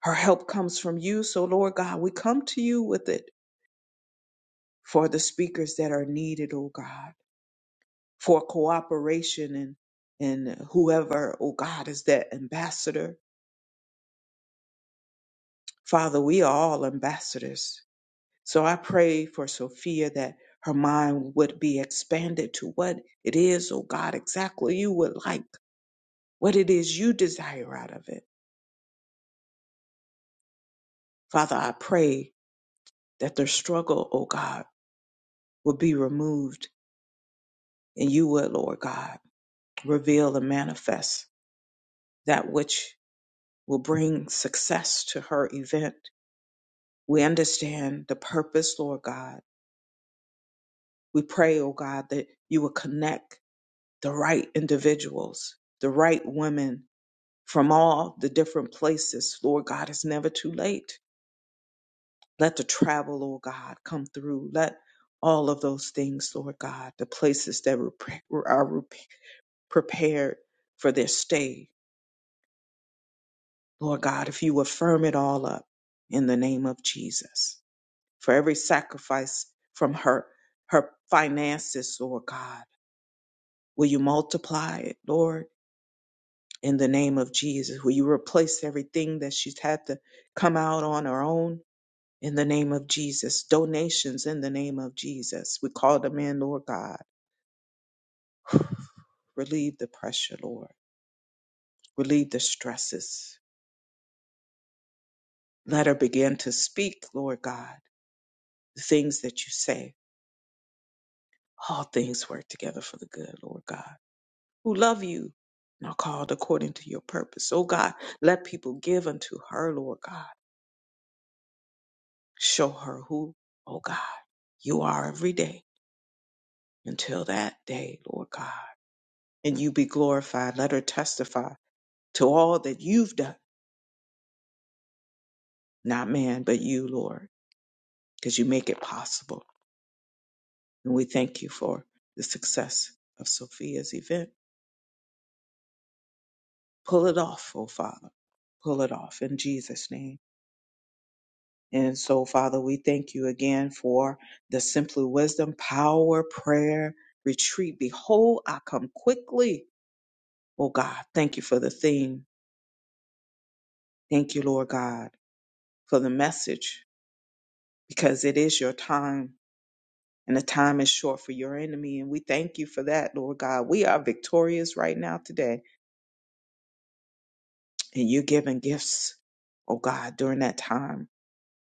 Speaker 2: Her help comes from you. So, Lord God, we come to you with it for the speakers that are needed, oh God, for cooperation and, and whoever, oh God, is that ambassador. Father, we are all ambassadors. So I pray for Sophia that her mind would be expanded to what it is, oh God, exactly you would like, what it is you desire out of it. Father, I pray that their struggle, O God, will be removed and you would, Lord God, reveal and manifest that which will bring success to her event. We understand the purpose, Lord God. We pray, O God, that you will connect the right individuals, the right women from all the different places. Lord God, it's never too late Let the travel, Lord God, come through. Let all of those things, Lord God, the places that were pre- were- are re- prepared for their stay, Lord God, if you affirm it all up in the name of Jesus. For every sacrifice from her, her finances, Lord God, will you multiply it, Lord, in the name of Jesus? Will you replace everything that she's had to come out on her own? in the name of Jesus, donations in the name of Jesus. We call them in, Lord God. Relieve the pressure, Lord. Relieve the stresses. Let her begin to speak, Lord God, the things that you say. All things work together for the good, Lord God, who love you and are called according to your purpose. Oh God, let people give unto her, Lord God. Show her who, oh God, you are every day until that day, Lord God. And you be glorified. Let her testify to all that you've done, not man, but you, Lord, because you make it possible. And we thank you for the success of Sophia's event. Pull it off, oh Father. Pull it off in Jesus' name. And so, Father, we thank you again for the Simply Wisdom Power Prayer Retreat. Behold, I come quickly. Oh God, thank you for the theme. Thank you, Lord God, for the message, because it is your time and the time is short for your enemy. And we thank you for that, Lord God. We are victorious right now today, and you're giving gifts, oh God, during that time.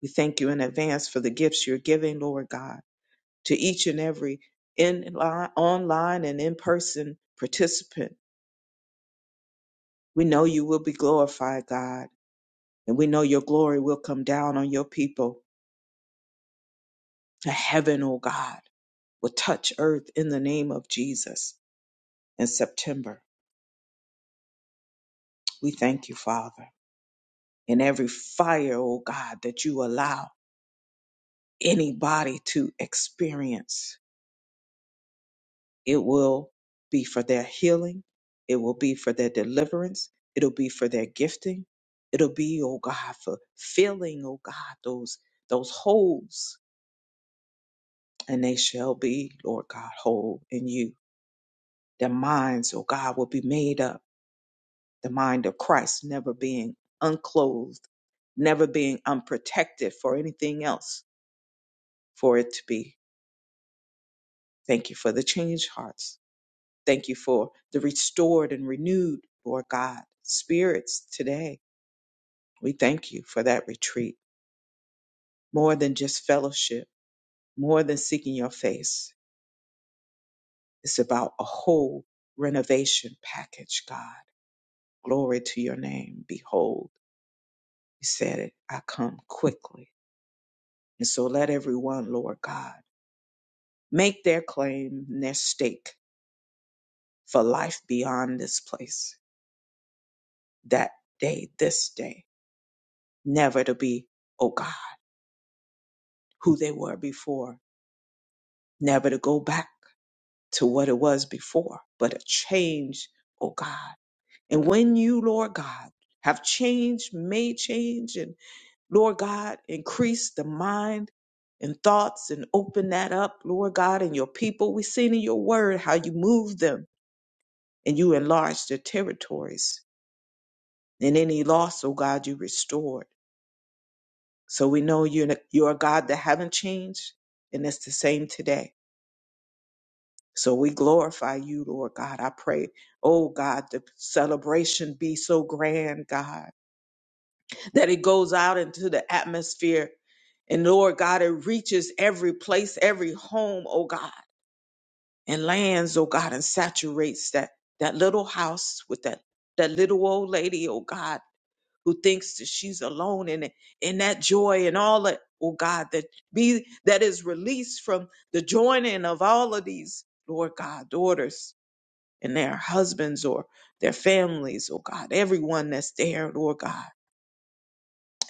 Speaker 2: We thank you in advance for the gifts you're giving, Lord God, to each and every in line, online and in person participant. We know you will be glorified, God, and we know your glory will come down on your people. To heaven, oh God, will touch earth in the name of Jesus in September. We thank you, Father. In every fire, oh God, that you allow anybody to experience. It will be for their healing. It will be for their deliverance. It'll be for their gifting. It'll be, oh God, for filling, oh God, those those holes. And they shall be, Lord God, whole in you. Their minds, oh God, will be made up. The mind of Christ never being unclothed, never being unprotected for anything else for it to be. Thank you for the changed hearts. Thank you for the restored and renewed, Lord God, spirits today. We thank you for that retreat. More than just fellowship, more than seeking your face. It's about a whole renovation package, God. Glory to your name. Behold, you said it. I come quickly. And so let everyone, Lord God, make their claim and their stake for life beyond this place. That day, this day. never to be, oh God, who they were before, never to go back to what it was before, but a change, oh God. And when you, Lord God, have changed, made change, and Lord God, increase the mind and thoughts and open that up, Lord God, and your people. We've seen in your word how you moved them and you enlarged their territories. And any loss, oh God, you restored. So we know you're, you're a God that haven't changed, and it's the same today. So we glorify you, Lord God. I pray, oh God, the celebration be so grand, God, that it goes out into the atmosphere. And Lord God, it reaches every place, every home, oh God, and lands, oh God, and saturates that, that little house with that, that little old lady, oh God, who thinks that she's alone in it, in that joy and all that, oh God, that be, that is released from the joining of all of these, Lord God, daughters and their husbands or their families, oh God, everyone that's there, Lord God.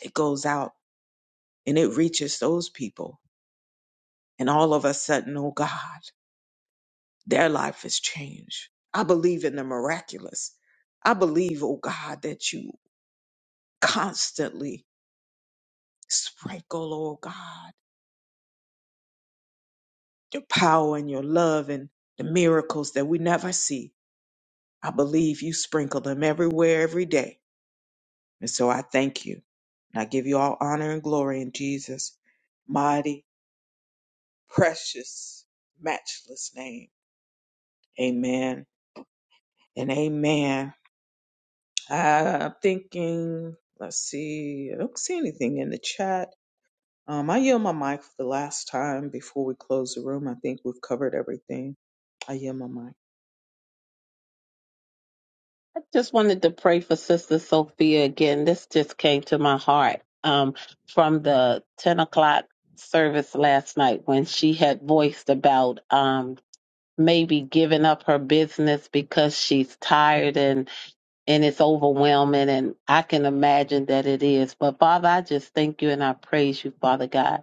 Speaker 2: It goes out and it reaches those people. And all of a sudden, oh God, their life is changed. I believe in the miraculous. I believe, oh God, that you constantly sprinkle, oh God, your power and your love and the miracles that we never see. I believe you sprinkle them everywhere, every day And so I thank you. And I give you all honor and glory in Jesus' mighty, precious, matchless name. Amen and amen. I'm thinking, let's see, I don't see anything in the chat. Um, I yield my mic for the last time before we close the room. I think we've covered everything. I yield my mic.
Speaker 3: I just wanted to pray for Sister Sophia again. This just came to my heart um, from the 10 o'clock service last night when she had voiced about. Um, maybe giving up her business because she's tired and and it's overwhelming and I can imagine that it is. But Father, I just thank you and I praise you, Father God.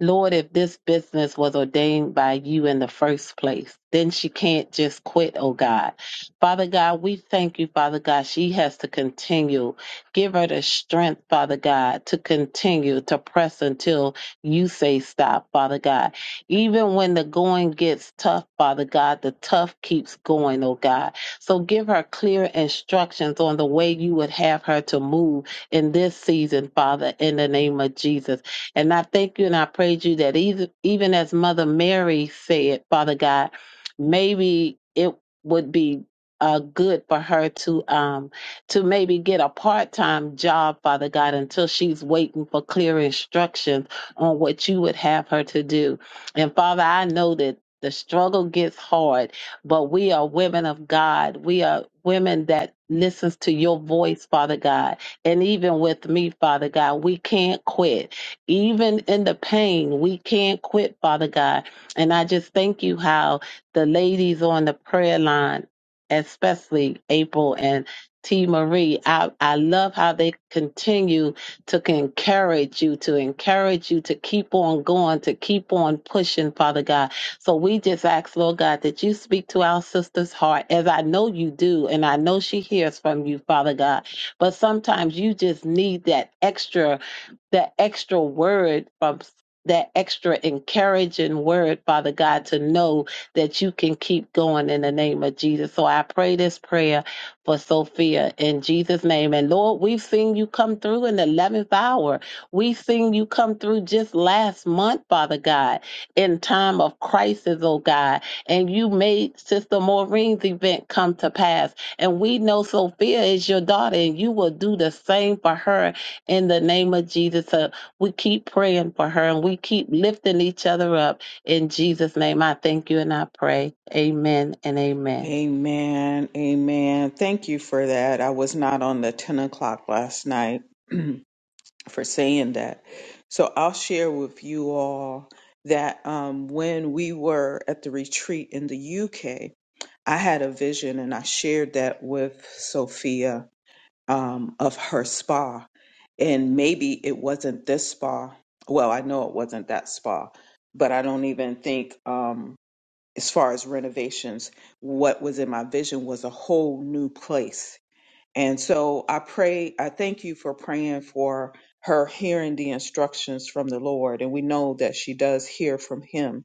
Speaker 3: Lord, if this business was ordained by you in the first place, then she can't just quit, oh God. Father God, we thank you, Father God. She has to continue. Give her the strength, Father God, to continue to press until you say stop, Father God. Even when the going gets tough, Father God, the tough keeps going, oh God. So give her clear instructions on the way you would have her to move in this season, Father, in the name of Jesus. And I thank you and I praise you that either, even as Mother Mary said, Father God, maybe it would be uh, good for her to um to maybe get a part-time job father god until she's waiting for clear instructions on what you would have her to do and father i know that the struggle gets hard but we are women of god we are women that listens to your voice father god and even with me father god we can't quit even in the pain, we can't quit, Father God. And I just thank you how the ladies on the prayer line, especially April and T. Marie, I, I love how they continue to encourage you, to encourage you to keep on going, to keep on pushing, Father God. So we just ask, Lord God, that you speak to our sister's heart, as I know you do, and I know she hears from you, Father God. But sometimes you just need that extra that extra word from that extra encouraging word, Father God, to know that you can keep going in the name of Jesus. So I pray this prayer for Sophia in Jesus' name. And Lord, we've seen you come through in the 11th hour. We've seen you come through just last month, Father God, in time of crisis, oh God. And you made Sister Maureen's event come to pass. And we know Sophia is your daughter, and you will do the same for her in the name of Jesus. So we keep praying for her and we keep lifting each other up. In Jesus' name, I thank you and I pray. Amen and amen.
Speaker 2: Amen. Amen. Thank you for that. I was not on the 10 o'clock last night. for saying that. So I'll share with you all that um, when we were at the retreat in the UK, I had a vision and I shared that with Sophia um, of her spa. And maybe it wasn't this spa. Well, I know it wasn't that spa, but I don't even think, um, as far as renovations, what was in my vision was a whole new place and so I pray, I thank you for praying for her hearing the instructions from the Lord. And we know that she does hear from him.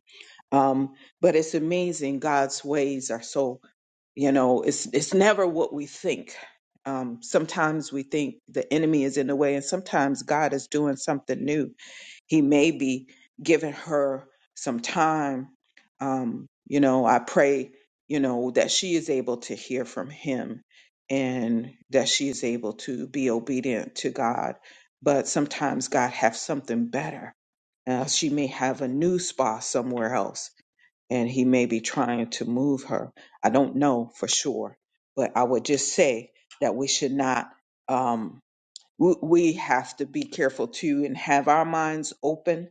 Speaker 2: Um, but it's amazing. God's ways are so, you know, it's, it's never what we think. Um, sometimes we think the enemy is in the way and sometimes God is doing something new he may be giving her some time. Um, you know, I pray, you know, that she is able to hear from him and that she is able to be obedient to God. But sometimes God has something better. Uh, she may have a new spa somewhere else, and he may be trying to move her. I don't know for sure, but I would just say that we should not. Um, w- we have to be careful too and have our minds open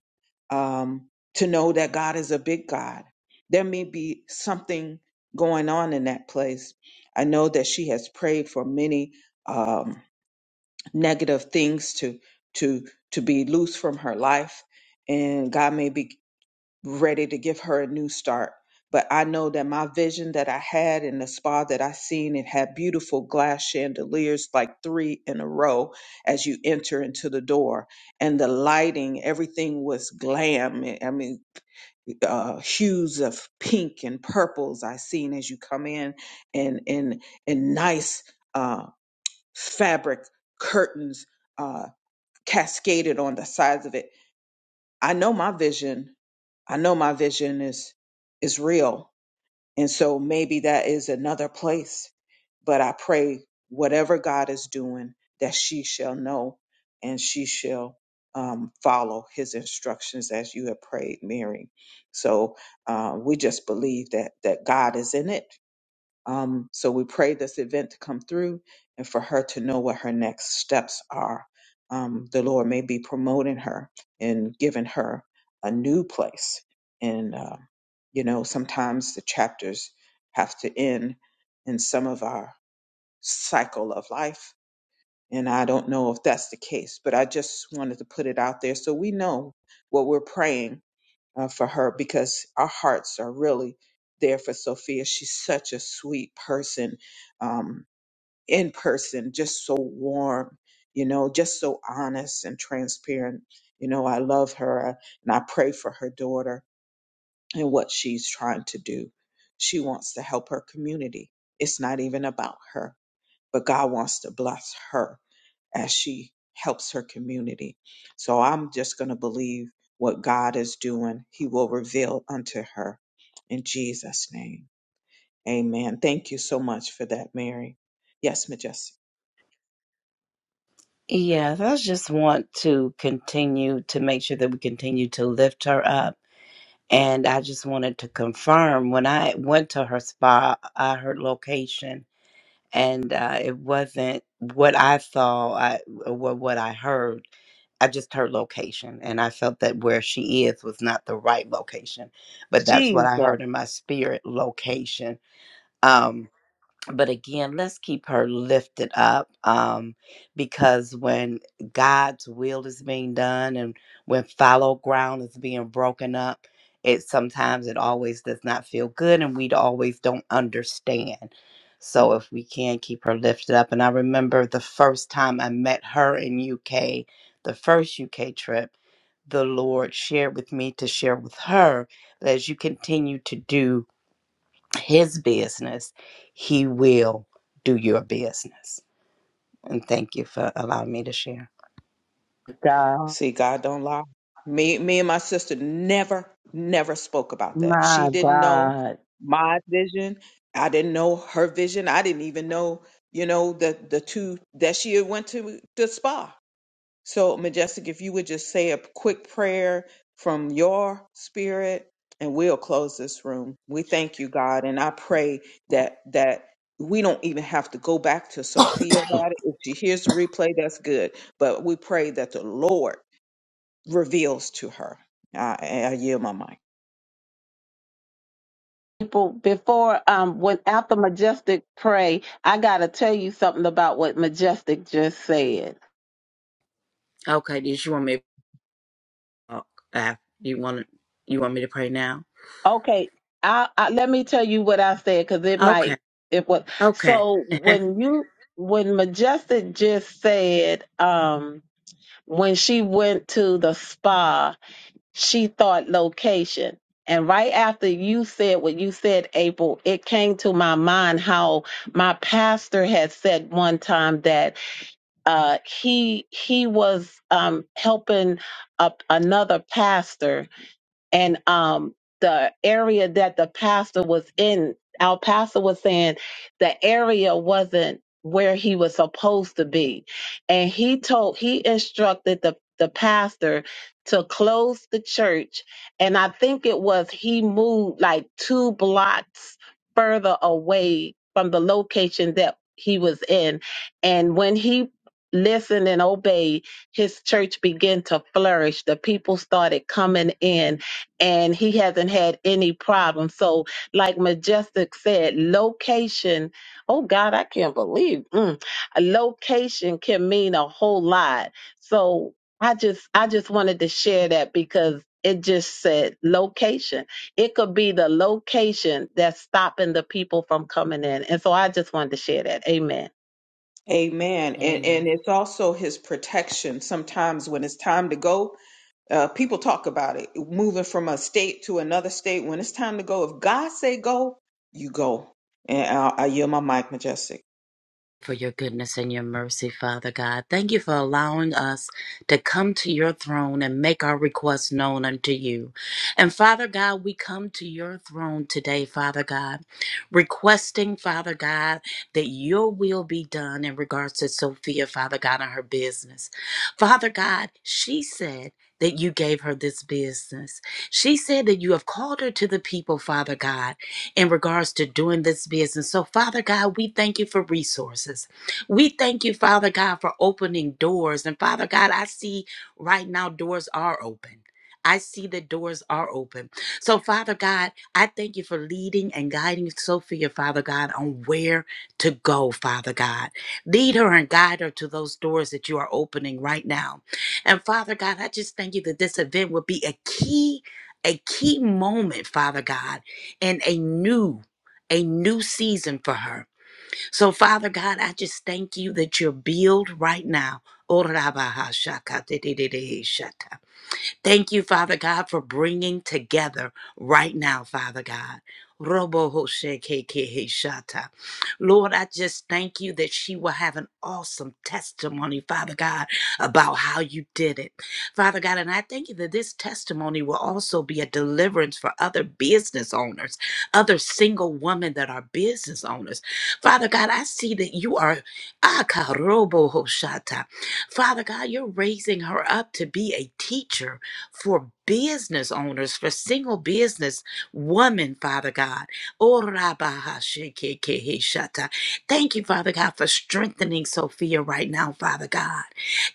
Speaker 2: um, to know that God is a big God. There may be something going on in that place. I know that she has prayed for many um, negative things to to to be loose from her life, and God may be ready to give her a new start. But I know that my vision that I had in the spa that I seen, it had beautiful glass chandeliers, like three in a row as you enter into the door. And the lighting, everything was glam. I mean, uh, hues of pink and purples I seen as you come in, and and and nice uh, fabric curtains uh, cascaded on the sides of it. I know my vision I know my vision is is real. And so maybe that is another place. But I pray whatever God is doing, that she shall know and she shall um, follow his instructions as you have prayed, Mary. So uh, we just believe that that God is in it um, so we pray this event to come through and for her to know what her next steps are. Um, the Lord may be promoting her and giving her a new place. And, uh, you know, sometimes the chapters have to end in some of our cycle of life. And I don't know if that's the case, but I just wanted to put it out there so we know what we're praying uh, for her because our hearts are really there for Sophia. She's such a sweet person, um, in person, just so warm, you know, just so honest and transparent. You know, I love her uh, and I pray for her daughter and what she's trying to do. She wants to help her community. It's not even about her, but God wants to bless her as she helps her community. So I'm just going to believe what God is doing, He will reveal unto her in Jesus' name. Amen. Thank you so much for that, Mary. Yes, Majestic.
Speaker 4: Yes, I just want to continue to make sure that we continue to lift her up. And I just wanted to confirm when I went to her spa, I heard location, and uh, it wasn't what I saw I, or what I heard. I just heard location, and I felt that where she is was not the right location. But that's what
Speaker 3: Jesus,
Speaker 4: I heard in my spirit location. Um, but again, let's keep her lifted up um, because when God's will is being done and when fallow ground is being broken up, it sometimes it always does not feel good and we always don't understand. So if we can keep her lifted up, and I remember the first time I met her in UK, the first UK trip, the Lord shared with me to share with her that as you continue to do his business, he will do your business. And thank you for allowing me to share.
Speaker 3: God,
Speaker 2: See, God don't lie. Me, me and my sister never, never spoke about that. She
Speaker 3: my
Speaker 2: didn't know
Speaker 3: God.
Speaker 2: my vision. I didn't know her vision. I didn't even know, you know, the the two that she had went to the spa. So, Majestic, if you would just say a quick prayer from your spirit, and we'll close this room. We thank you, God, and I pray that that we don't even have to go back to Sophia about it. If she hears the replay, that's good. But we pray that the Lord reveals to her. I, I yield my mind.
Speaker 3: People, before um, when after Majestic pray, I gotta tell you something about what Majestic just said.
Speaker 4: Okay, did you want me to talk? Uh, you want you want me to pray now?
Speaker 3: Okay, I, I let me tell you what I said because it
Speaker 4: Okay,
Speaker 3: might. It was
Speaker 4: okay.
Speaker 3: so when you when Majestic just said um when she went to the spa, she thought location. And right after you said what you said, April, it came to my mind how my pastor had said one time that uh, he he was um, helping a, another pastor and um the area that the pastor was in our pastor was saying the area wasn't where he was supposed to be and he told he instructed the the pastor to close the church and i think it was he moved like two blocks further away from the location that he was in and when he listened and obeyed his church began to flourish the people started coming in and he hasn't had any problems. So, like Majestic said, location, oh God, I can't believe mm, a location can mean a whole lot. So I just I just wanted to share that because it just said location. It could be the location that's stopping the people from coming in. And so I just wanted to share that. Amen.
Speaker 2: Amen. And
Speaker 4: Amen.
Speaker 2: and it's also His protection. Sometimes when it's time to go, uh, people talk about it moving from a state to another state when it's time to go if god say go you go and i, I yield my mic majestic
Speaker 4: for your goodness and your mercy, Father God. Thank you for allowing us to come to your throne and make our requests known unto you. And Father God, we come to your throne today, Father God, requesting, Father God, that your will be done in regards to Sophia, Father God, and her business. Father God, she said, that you gave her this business. She said that you have called her to the people, Father God in regards to doing this business. So, Father God, we thank you for resources. We thank you, Father God, for opening doors. And Father God, I see right now doors are open. I see that doors are open. So, Father God, I thank you for leading and guiding Sophia, Father God, on where to go, Father God. Lead her and guide her to those doors that you are opening right now. And Father God, I just thank you that this event will be a key, a key moment, Father God and a new a new season for her. So Father God, I just thank you that you're build right now. Thank you, Father God, for bringing together right now, Father God. Robo Hoshe Keke Heshata. Lord, I just thank you that she will have an awesome testimony, Father God, about how you did it. Father God, and I thank you that this testimony will also be a deliverance for other business owners, other single women that are business owners. Father God, I see that you are Akarobo Hoshata. Father God, you're raising her up to be a teacher for business owners, for single business women, Father God. Oh, Rabba Hasheke Shata. Thank you, Father God, for strengthening Sophia right now, Father God.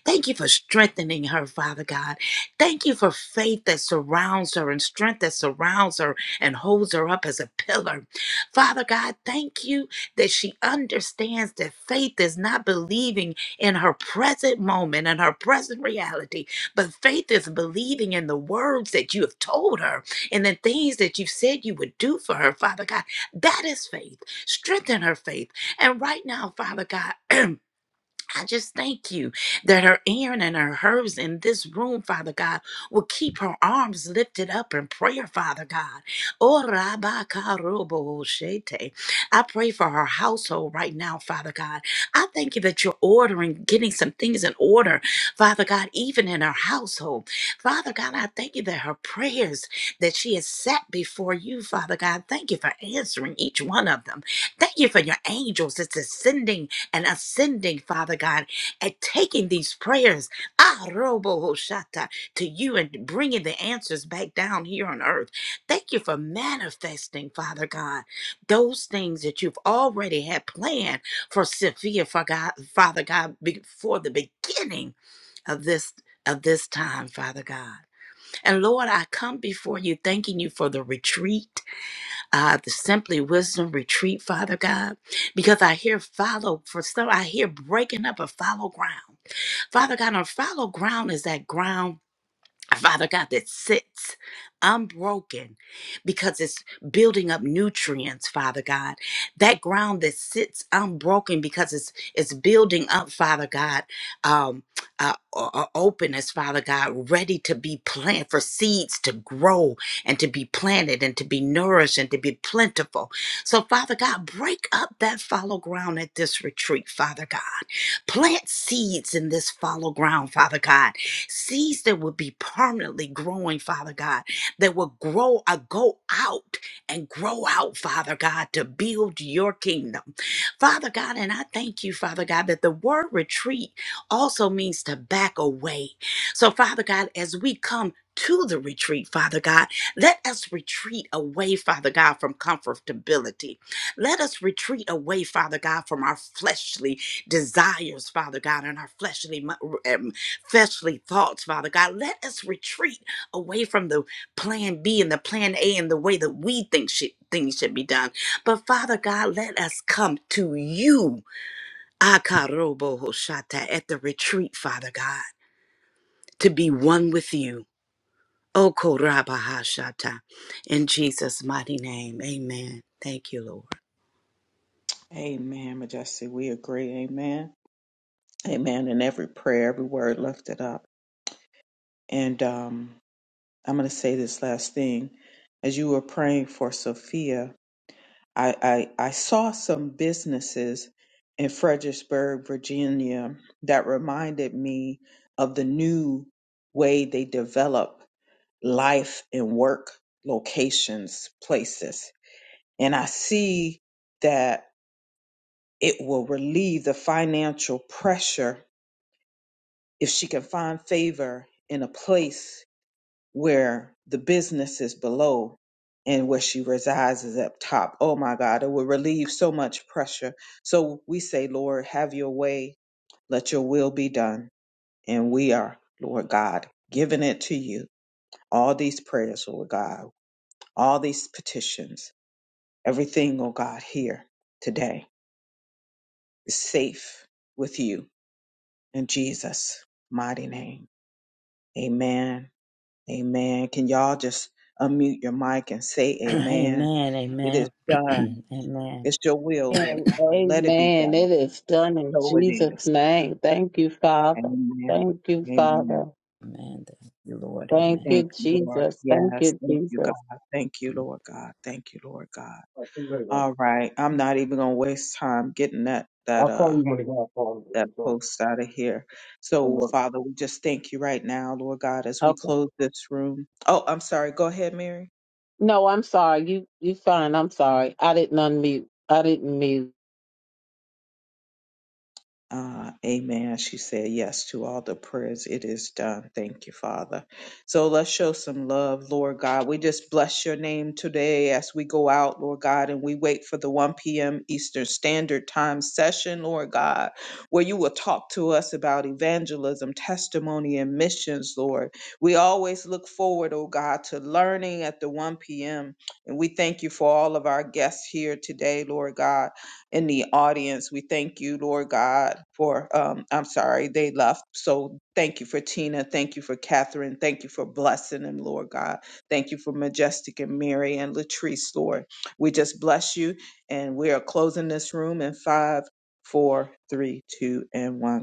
Speaker 4: Thank you for strengthening her, Father God. Thank you for faith that surrounds her and strength that surrounds her and holds her up as a pillar. Father God, thank you that she understands that faith is not believing in her present moment and her present reality but faith is believing in the words that you have told her and the things that you said you would do for her, Father God. That is faith. Strengthen her faith. And right now, Father God, I just thank you that her Aaron and her hers in this room, Father God, will keep her arms lifted up in prayer, Father God. Oh, Rabba Karobo Shete. I pray for her household right now, Father God. I thank you that you're ordering, getting some things in order, Father God, even in her household. Father God, I thank you that her prayers that she has set before you, Father God, thank you for answering each one of them. Thank you for your angels that's ascending and ascending, Father God, and taking these prayers, ah, robo hoshata, to you and bringing the answers back down here on earth. Thank you for manifesting, Father God, those things that you've already had planned for Sophia, for God, Father God, before the beginning of this of this time, Father God. And Lord, I come before you thanking you for the retreat uh, the Simply Wisdom Retreat, Father God, because I hear follow for some, I hear breaking up of follow ground. Father God, on follow ground is that ground Father God, that sits unbroken because it's building up nutrients, Father God. That ground that sits unbroken because it's it's building up, Father God, um, uh, o- o- openness, Father God, ready to be planted for seeds to grow and to be planted and to be nourished and to be plentiful. So, Father God, break up that fallow ground at this retreat, Father God. Plant seeds in this fallow ground, Father God Seeds that will be permanently growing, Father God, that will grow, uh, go out and grow out, Father God, to build your kingdom. Father God, and I thank you, Father God, that the word retreat also means to back away. So, Father God, as we come to the retreat, Father God, let us retreat away, Father God, from comfortability. Let us retreat away, Father God, from our fleshly desires, Father God, and our fleshly mo- fleshly thoughts, Father God. Let us retreat away from the plan B and the plan A and the way that we think should, things should be done. But Father God, let us come to you, Akarobohoshata, at the retreat, Father God, to be one with you. Okorabahashata. In Jesus' mighty name, amen. Thank you, Lord.
Speaker 2: amen majestic we agree amen amen in every prayer every word lifted up and um, i'm going to say this last thing as you were praying for sophia i i, I saw some businesses in fredericksburg virginia that reminded me of the new way they develop life and work locations, places. And I see that it will relieve the financial pressure if she can find favor in a place where the business is below and where she resides is up top. Oh my God, it will relieve so much pressure. So we say, Lord, have your way, let your will be done. And we are, Lord God, giving it to you. All these prayers, Lord God, all these petitions Everything, oh God, here today is safe with you in Jesus' mighty name. Amen. Amen. Can y'all just unmute your mic and say amen?
Speaker 4: amen.
Speaker 2: It is
Speaker 4: Amen.
Speaker 2: done.
Speaker 4: amen. Amen.
Speaker 2: It's your will, Lord
Speaker 3: And
Speaker 2: God. Let it be
Speaker 3: amen.
Speaker 2: done.
Speaker 3: It is done in
Speaker 2: So it
Speaker 3: Jesus'
Speaker 2: is.
Speaker 3: name. Thank you, Father.
Speaker 2: Amen.
Speaker 3: Thank you,
Speaker 2: Amen.
Speaker 3: Father.
Speaker 4: Thank you, Lord.
Speaker 3: Thank
Speaker 4: Amen.
Speaker 3: you,
Speaker 2: Thank you, Lord.
Speaker 3: Jesus. Thank
Speaker 2: Yes.
Speaker 3: you,
Speaker 2: Thank
Speaker 3: Jesus.
Speaker 2: you, God. Thank you, Lord God. Thank you, Lord God.
Speaker 3: right,
Speaker 2: All right. I'm not even gonna waste time getting that
Speaker 3: I'll
Speaker 2: that uh
Speaker 3: call you when I get off phone if
Speaker 2: that
Speaker 3: it's on
Speaker 2: post out of here.
Speaker 3: from
Speaker 2: So,
Speaker 3: work.
Speaker 2: Father, we just thank you right now, Lord God, as we
Speaker 3: Okay.
Speaker 2: close this room. Oh, I'm sorry. Go ahead, Mary.
Speaker 3: No, I'm sorry. You you fine. I'm sorry. I didn't unmute. I didn't mute.
Speaker 2: Uh, amen. She said yes to all the prayers. It is done. Thank you, Father. So let's show some love, Lord God. We just bless your name today as we go out, Lord God, and we wait for the 1 p.m. Eastern Standard Time session, Lord God, where you will talk to us about evangelism, testimony, and missions, Lord. We always look forward, oh God, to learning at the 1 p.m. And we thank you for all of our guests here today, Lord God in the audience. We thank you, Lord God, for, um, I'm sorry, they left. So thank you for Tina. Thank you for Catherine. Thank you for blessing them, Lord God. Thank you for Majestic and Mary and Latrice, Lord. We just bless you. And we are closing this room in five, four, three, two, and one.